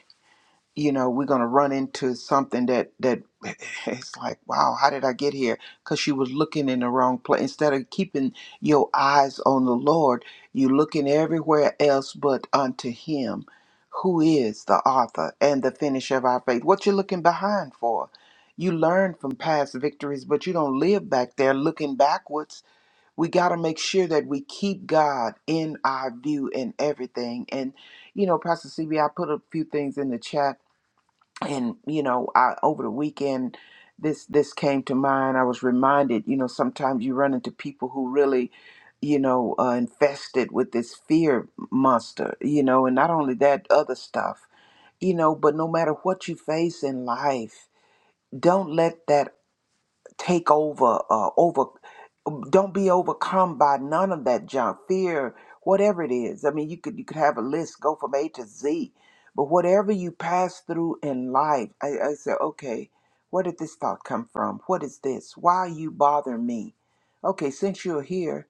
you know we're going to run into something that that *laughs* it's like wow how did i get here because she was looking in the wrong place instead of keeping your eyes on the lord you're looking everywhere else but unto him who is the author and the finisher of our faith what you looking behind for you learn from past victories but you don't live back there looking backwards we got to make sure that we keep god in our view in everything and you know pastor C B, I put a few things in the chat and you know i over the weekend this this came to mind i was reminded you know sometimes you run into people who really you know uh, infested with this fear monster you know and not only that other stuff you know but no matter what you face in life don't let that take over uh, over don't be overcome by none of that junk fear whatever it is i mean you could you could have a list go from a to z but whatever you pass through in life i, I said okay where did this thought come from what is this why are you bothering me okay since you're here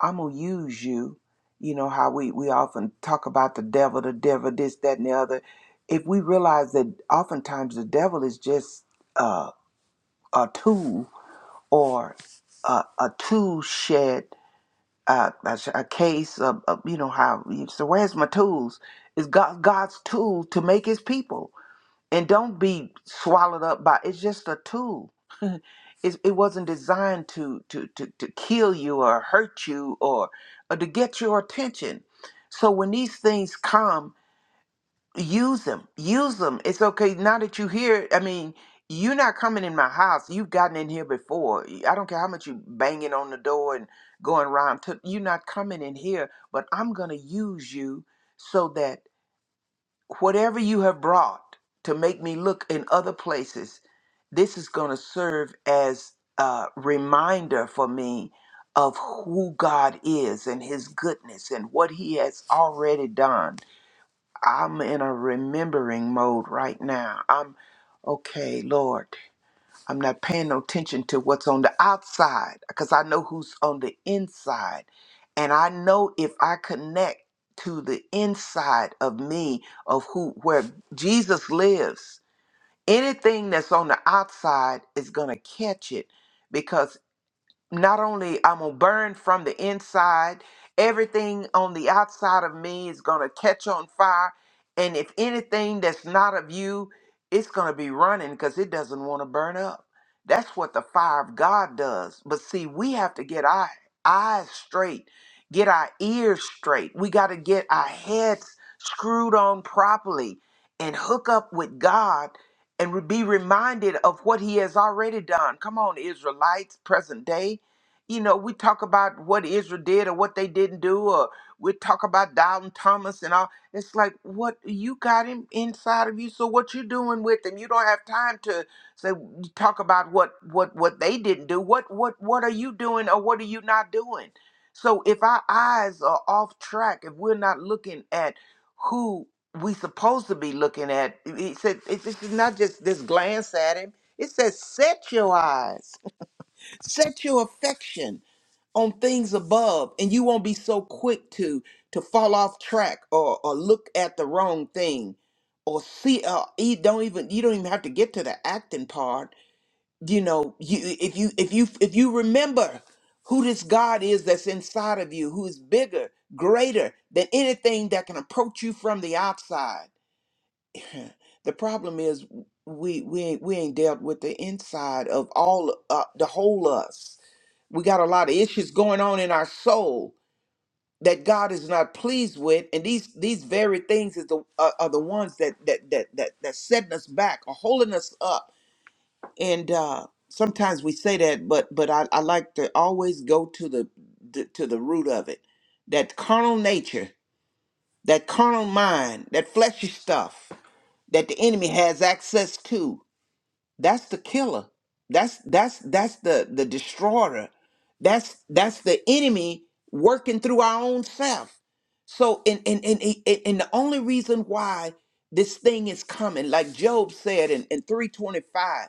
i'm gonna use you you know how we we often talk about the devil the devil this that and the other if we realize that oftentimes the devil is just uh, a tool or a, a tool shed uh, a, sh- a case of, of you know how so where's my tools It's god god's tool to make his people and don't be swallowed up by it's just a tool it's, it wasn't designed to, to to to kill you or hurt you or, or to get your attention so when these things come use them use them it's okay now that you here i mean you're not coming in my house you've gotten in here before i don't care how much you banging on the door and going around to, you're not coming in here but i'm going to use you so that whatever you have brought to make me look in other places this is going to serve as a reminder for me of who god is and his goodness and what he has already done I'm in a remembering mode right now. I'm okay, Lord. I'm not paying no attention to what's on the outside because I know who's on the inside. And I know if I connect to the inside of me of who where Jesus lives, anything that's on the outside is going to catch it not only I'm gonna burn from the inside, everything on the outside of me is gonna catch on fire. And if anything that's not of you, it's gonna be running because it doesn't want to burn up. That's what the fire of God does. But see, we have to get our eyes straight, get our ears straight. We got to get our heads screwed on properly and hook up with God and be reminded of what He has already done. Come on, Israelites, present day you know, we talk about what Israel did or what they didn't do, or we talk about Dalton Thomas and all. It's like, what you got him inside of you, so what you doing with him? You don't have time to say talk about what what what they didn't do. What what what are you doing or what are you not doing? So if our eyes are off track, if we're not looking at who we supposed to be looking at, he said it's it's not just this glance at him. It says, set your eyes set your affection on things above and you won't be so quick to to fall off track or or look at the wrong thing or see uh you don't even you don't even have to get to the acting part you know you if you if you if you remember who this god is that's inside of you who is bigger greater than anything that can approach you from the outside the problem is we we ain't, we ain't dealt with the inside of all uh, the whole us we got a lot of issues going on in our soul that God is not pleased with, and these these very things is the uh, are the ones that that that that that setting us back or holding us up. And uh, sometimes we say that, but but I, I like to always go to the, the to the root of it. That carnal nature, that carnal mind, that fleshy stuff that the enemy has access to. That's the killer. That's that's that's the the destroyer. That's that's the enemy working through our own self. So and and and and and the only reason why this thing is coming, like Job said in, in 325,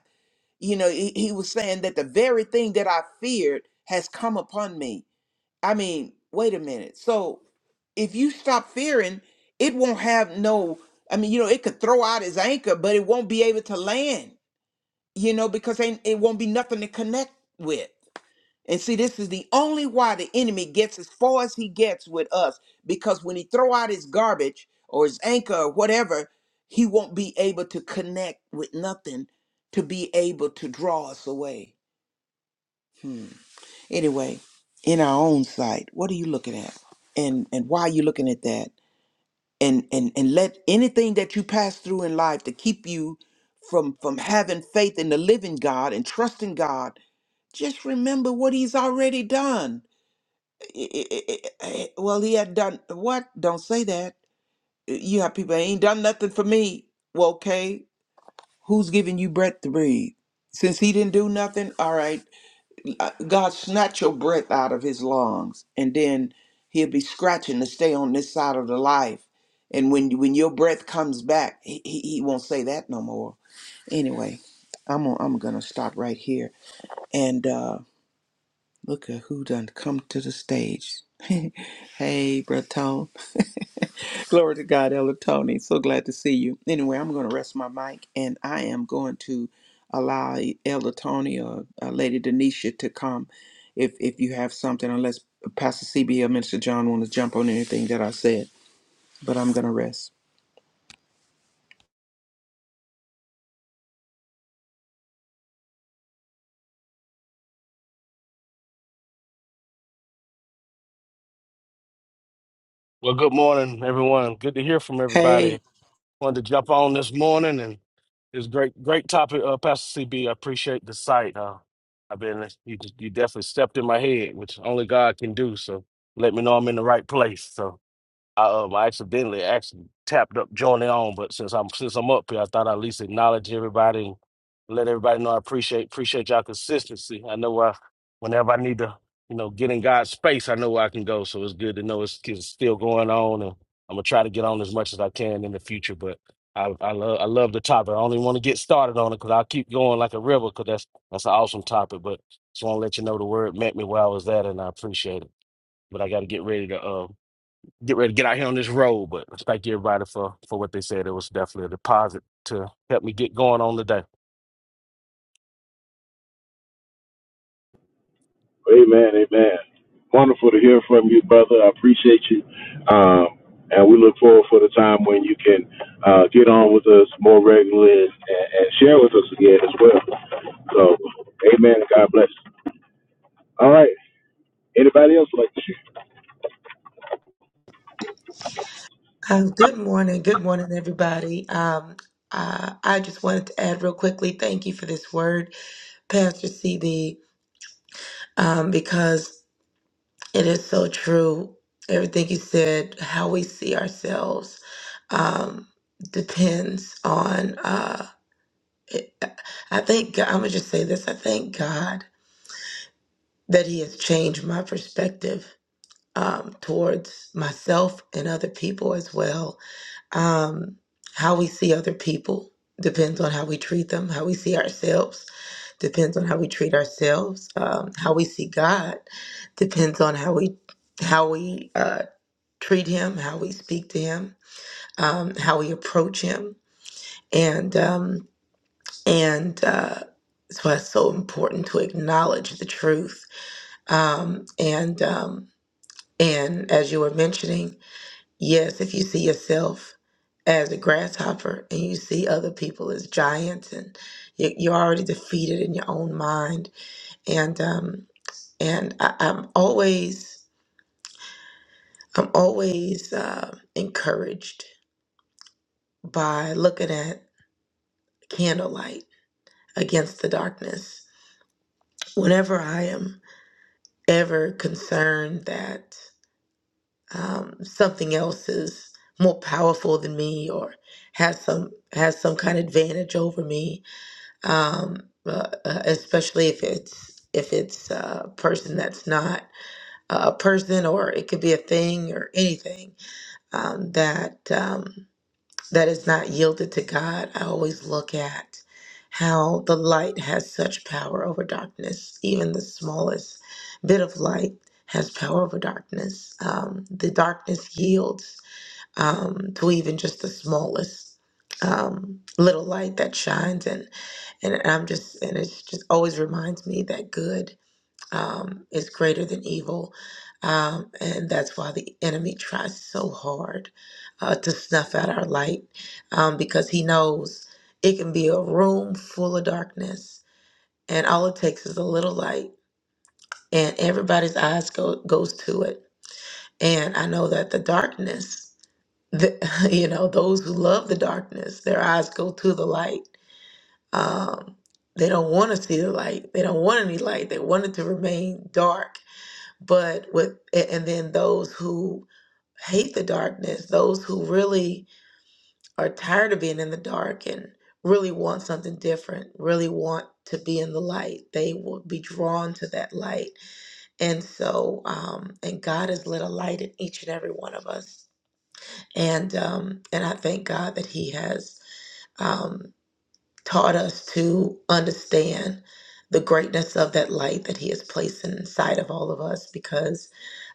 you know, he, he was saying that the very thing that I feared has come upon me. I mean, wait a minute. So if you stop fearing, it won't have no, I mean, you know, it could throw out his anchor, but it won't be able to land you know, because ain't, it won't be nothing to connect with. And see, this is the only why the enemy gets as far as he gets with us, because when he throw out his garbage or his anchor or whatever, he won't be able to connect with nothing to be able to draw us away. Anyway, in our own sight, what are you looking at? And and why are you looking at that? And and and let anything that you pass through in life to keep you from from having faith in the living God and trusting God Just remember what he's already done. I- I- I- I- Well, he had done what? Don't say that. Uh, You have people ain't done nothing for me. Well, okay, who's giving you breath to breathe? Since he didn't do nothing, all right, uh, God snatch your breath out of his lungs, and then he'll be scratching to stay on this side of the life. And when when your breath comes back, he, he, he won't say that no more. Anyway, I'm gonna- I'm gonna stop right here and. Uh, Look at who done come to the stage. *laughs* hey, Brother Tone. *laughs* Glory to God, Elder Tony. So glad to see you. Anyway, I'm going to rest my mic and I am going to allow Elder Tony or uh, Lady Denisha to come if if you have something, unless Pastor CB or Minister John want to jump on anything that I said. But I'm going to rest.
Well, good morning, everyone. Good to hear from
Hey.
everybody. Wanted to jump on this morning, and it's great, great topic, uh, Pastor CB. I appreciate the site. Uh, I've been you, you definitely stepped in my head, which only God can do. So let me know I'm in the right place. So I um I accidentally actually tapped up joining on, but since I'm since I'm up here, I thought I'd at least acknowledge everybody and let everybody know I appreciate appreciate y'all consistency. I know I whenever I need to, you know, get in God's space, I know where I can go. So it's good to know it's, it's still going on and I'm gonna try to get on as much as I can in the future. But I I love I love the topic. I only want to get started on it because I'll keep going like a river because that's that's an awesome topic. But just want to let you know the word met me where I was at and I appreciate it. But I got to get ready to uh, get ready to get out here on this road. But thank everybody for for what they said. It was definitely a deposit to help me get going on today.
Amen, amen. Wonderful to hear from you, brother. I appreciate you. Um, and we look forward for the time when you can uh, get on with us more regularly and, and share with us again as well. So, amen. God bless. All right. Anybody else like to share?
Um, good morning. Good morning, everybody. Um, uh, I just wanted to add real quickly thank you for this word, Pastor CB, um, because it is so true. Everything you said, how we see ourselves, um, depends on. Uh, it, I think, I'm going to just say this I thank God that He has changed my perspective um, towards myself and other people as well Um, how we see other people depends on how we treat them. How we see ourselves depends on how we treat ourselves. Um, how we see God depends on how we how we uh, treat Him, how we speak to Him, um, how we approach Him, and um, and uh, that's why it's so important to acknowledge the truth. Um, and um, and as you were mentioning. Yes, if you see yourself as a grasshopper and you see other people as giants, and you- you're already defeated in your own mind. And um, and I, I'm always I'm always uh, encouraged by looking at candlelight against the darkness. Whenever I am ever concerned that um, something else is more powerful than me or has some has some kind of advantage over me, um, uh, uh, especially if it's if it's a person that's not a person, or it could be a thing or anything um, that um, that is not yielded to God. I always look at how the light has such power over darkness. Even the smallest bit of light has power over darkness. Um, the darkness yields um, to even just the smallest um, little light that shines, and I'm just and it's just always reminds me that good um, is greater than evil, um, and that's why the enemy tries so hard uh, to snuff out our light um, because he knows it can be a room full of darkness, and all it takes is a little light, and everybody's eyes go goes to it. And I know that the darkness, the, *laughs* you know, those who love the darkness, their eyes go to the light um, they don't want to see the light. They don't want any light. They want it to remain dark. But with a- and then those who hate the darkness, those who really are tired of being in the dark and really want something different, really want to be in the light, they will be drawn to that light. And so, um, and God has lit a light in each and every one of us. And um, and I thank God that He has. Um, taught us to understand the greatness of that light that He has placed inside of all of us because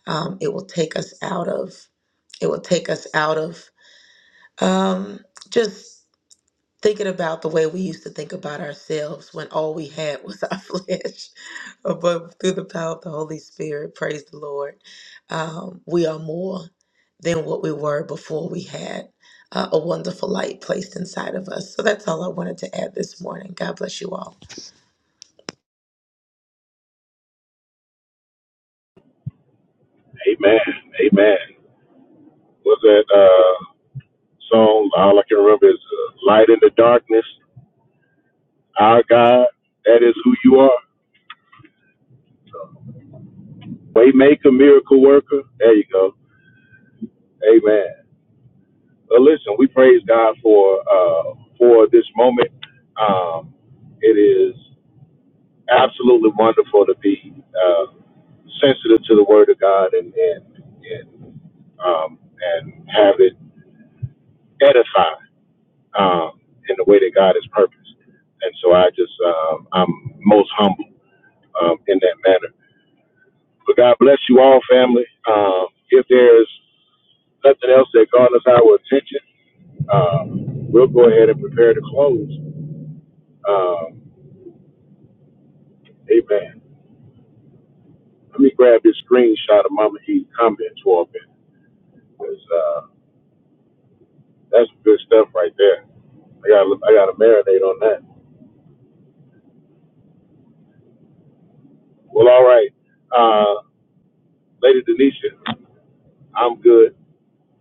um, it will take us out of it will take us out of um, just thinking about the way we used to think about ourselves when all we had was our *laughs* flesh. But through the power of the Holy Spirit, praise the Lord, um, we are more than what we were before we had uh, a wonderful light placed inside of us. So that's all I wanted to add this morning. God bless you all.
Amen. Amen. Was that uh, song? All I can remember is uh, Light in the Darkness. Our God, that is who you are. Waymaker, miracle worker. There you go. Amen. Well, listen, we praise God for uh, for this moment. Um, it is absolutely wonderful to be uh, sensitive to the Word of God and and and, um, and have it edify um, in the way that God has purposed. And so I just um, I'm most humble um, in that manner. But God bless you all, family. Um, if there's nothing else that garners our attention, um, we'll go ahead and prepare to close. Um, amen. Let me grab this screenshot of Mama E comments for a minute, 'cause, uh, that's good stuff right there. I got I got to marinate on that. Well, all right, uh, Lady Denisha, I'm good.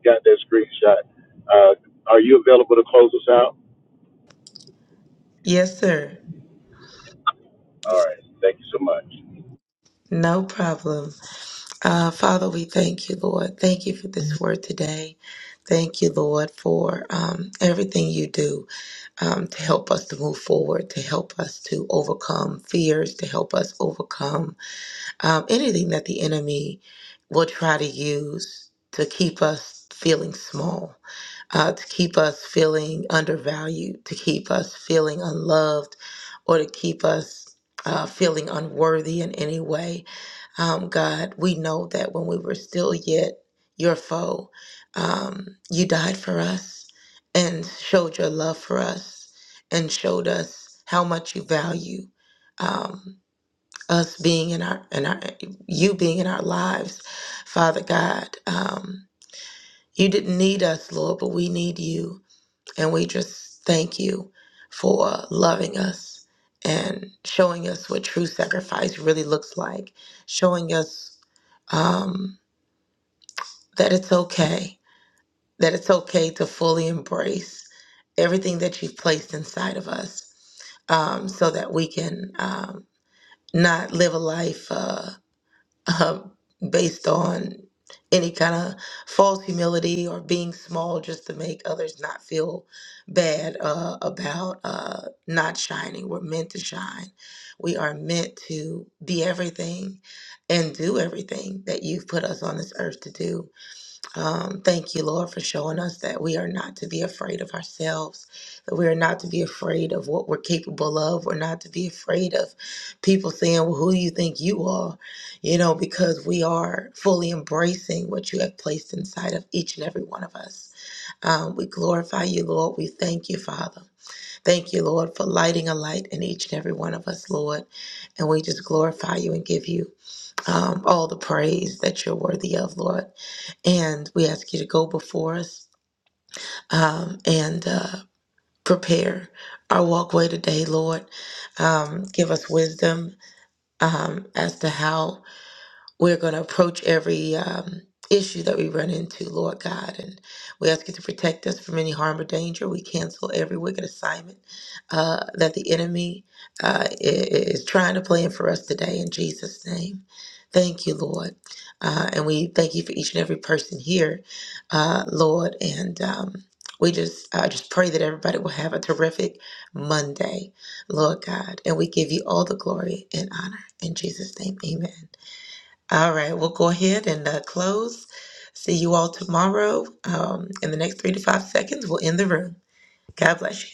Got that screenshot. Uh, are you available to close us out?
Yes, sir.
All right. Thank you so much.
No problem. Uh, Father, we thank you, Lord. Thank you for this word today. Thank you, Lord, for um, everything you do. um, to help us to move forward, to help us to overcome fears, to help us overcome um, anything that the enemy will try to use to keep us feeling small, uh, to keep us feeling undervalued, to keep us feeling unloved, or to keep us uh, feeling unworthy in any way. Um, God, we know that when we were still yet your foe, um, you died for us and showed your love for us and showed us how much you value um, us being in our in our you being in our lives, Father God. Um, you didn't need us, Lord, but we need you. And we just thank you for loving us and showing us what true sacrifice really looks like, showing us um, that it's okay, that it's okay to fully embrace everything that you've placed inside of us um, so that we can um, not live a life. Uh, um, based on any kind of false humility or being small just to make others not feel bad uh, about uh, not shining. We're meant to shine. We are meant to be everything and do everything that you've put us on this earth to do um, thank you, Lord, for showing us that we are not to be afraid of ourselves, that we are not to be afraid of what we're capable of. We're not to be afraid of people saying, Well, who do you think you are? You know, because we are fully embracing what you have placed inside of each and every one of us. Um, we glorify you, Lord. We thank you, Father. Thank you, Lord, for lighting a light in each and every one of us, Lord. And we just glorify you and give you um, all the praise that you're worthy of, Lord. And we ask you to go before us um, and uh, prepare our walkway today, Lord. Um, give us wisdom um, as to how we're going to approach every um, issue that we run into, Lord God. And we ask you to protect us from any harm or danger. We cancel every wicked assignment uh, that the enemy uh, i- is trying to plan for us today in Jesus' name. Thank you, Lord. Uh, and we thank you for each and every person here, uh, Lord. And um, we just uh, just pray that everybody will have a terrific Monday, Lord God. And we give you all the glory and honor. In Jesus' name, amen. All right, we'll go ahead and uh, close. See you all tomorrow. Um, in the next three to five seconds, we'll end the room. God bless you.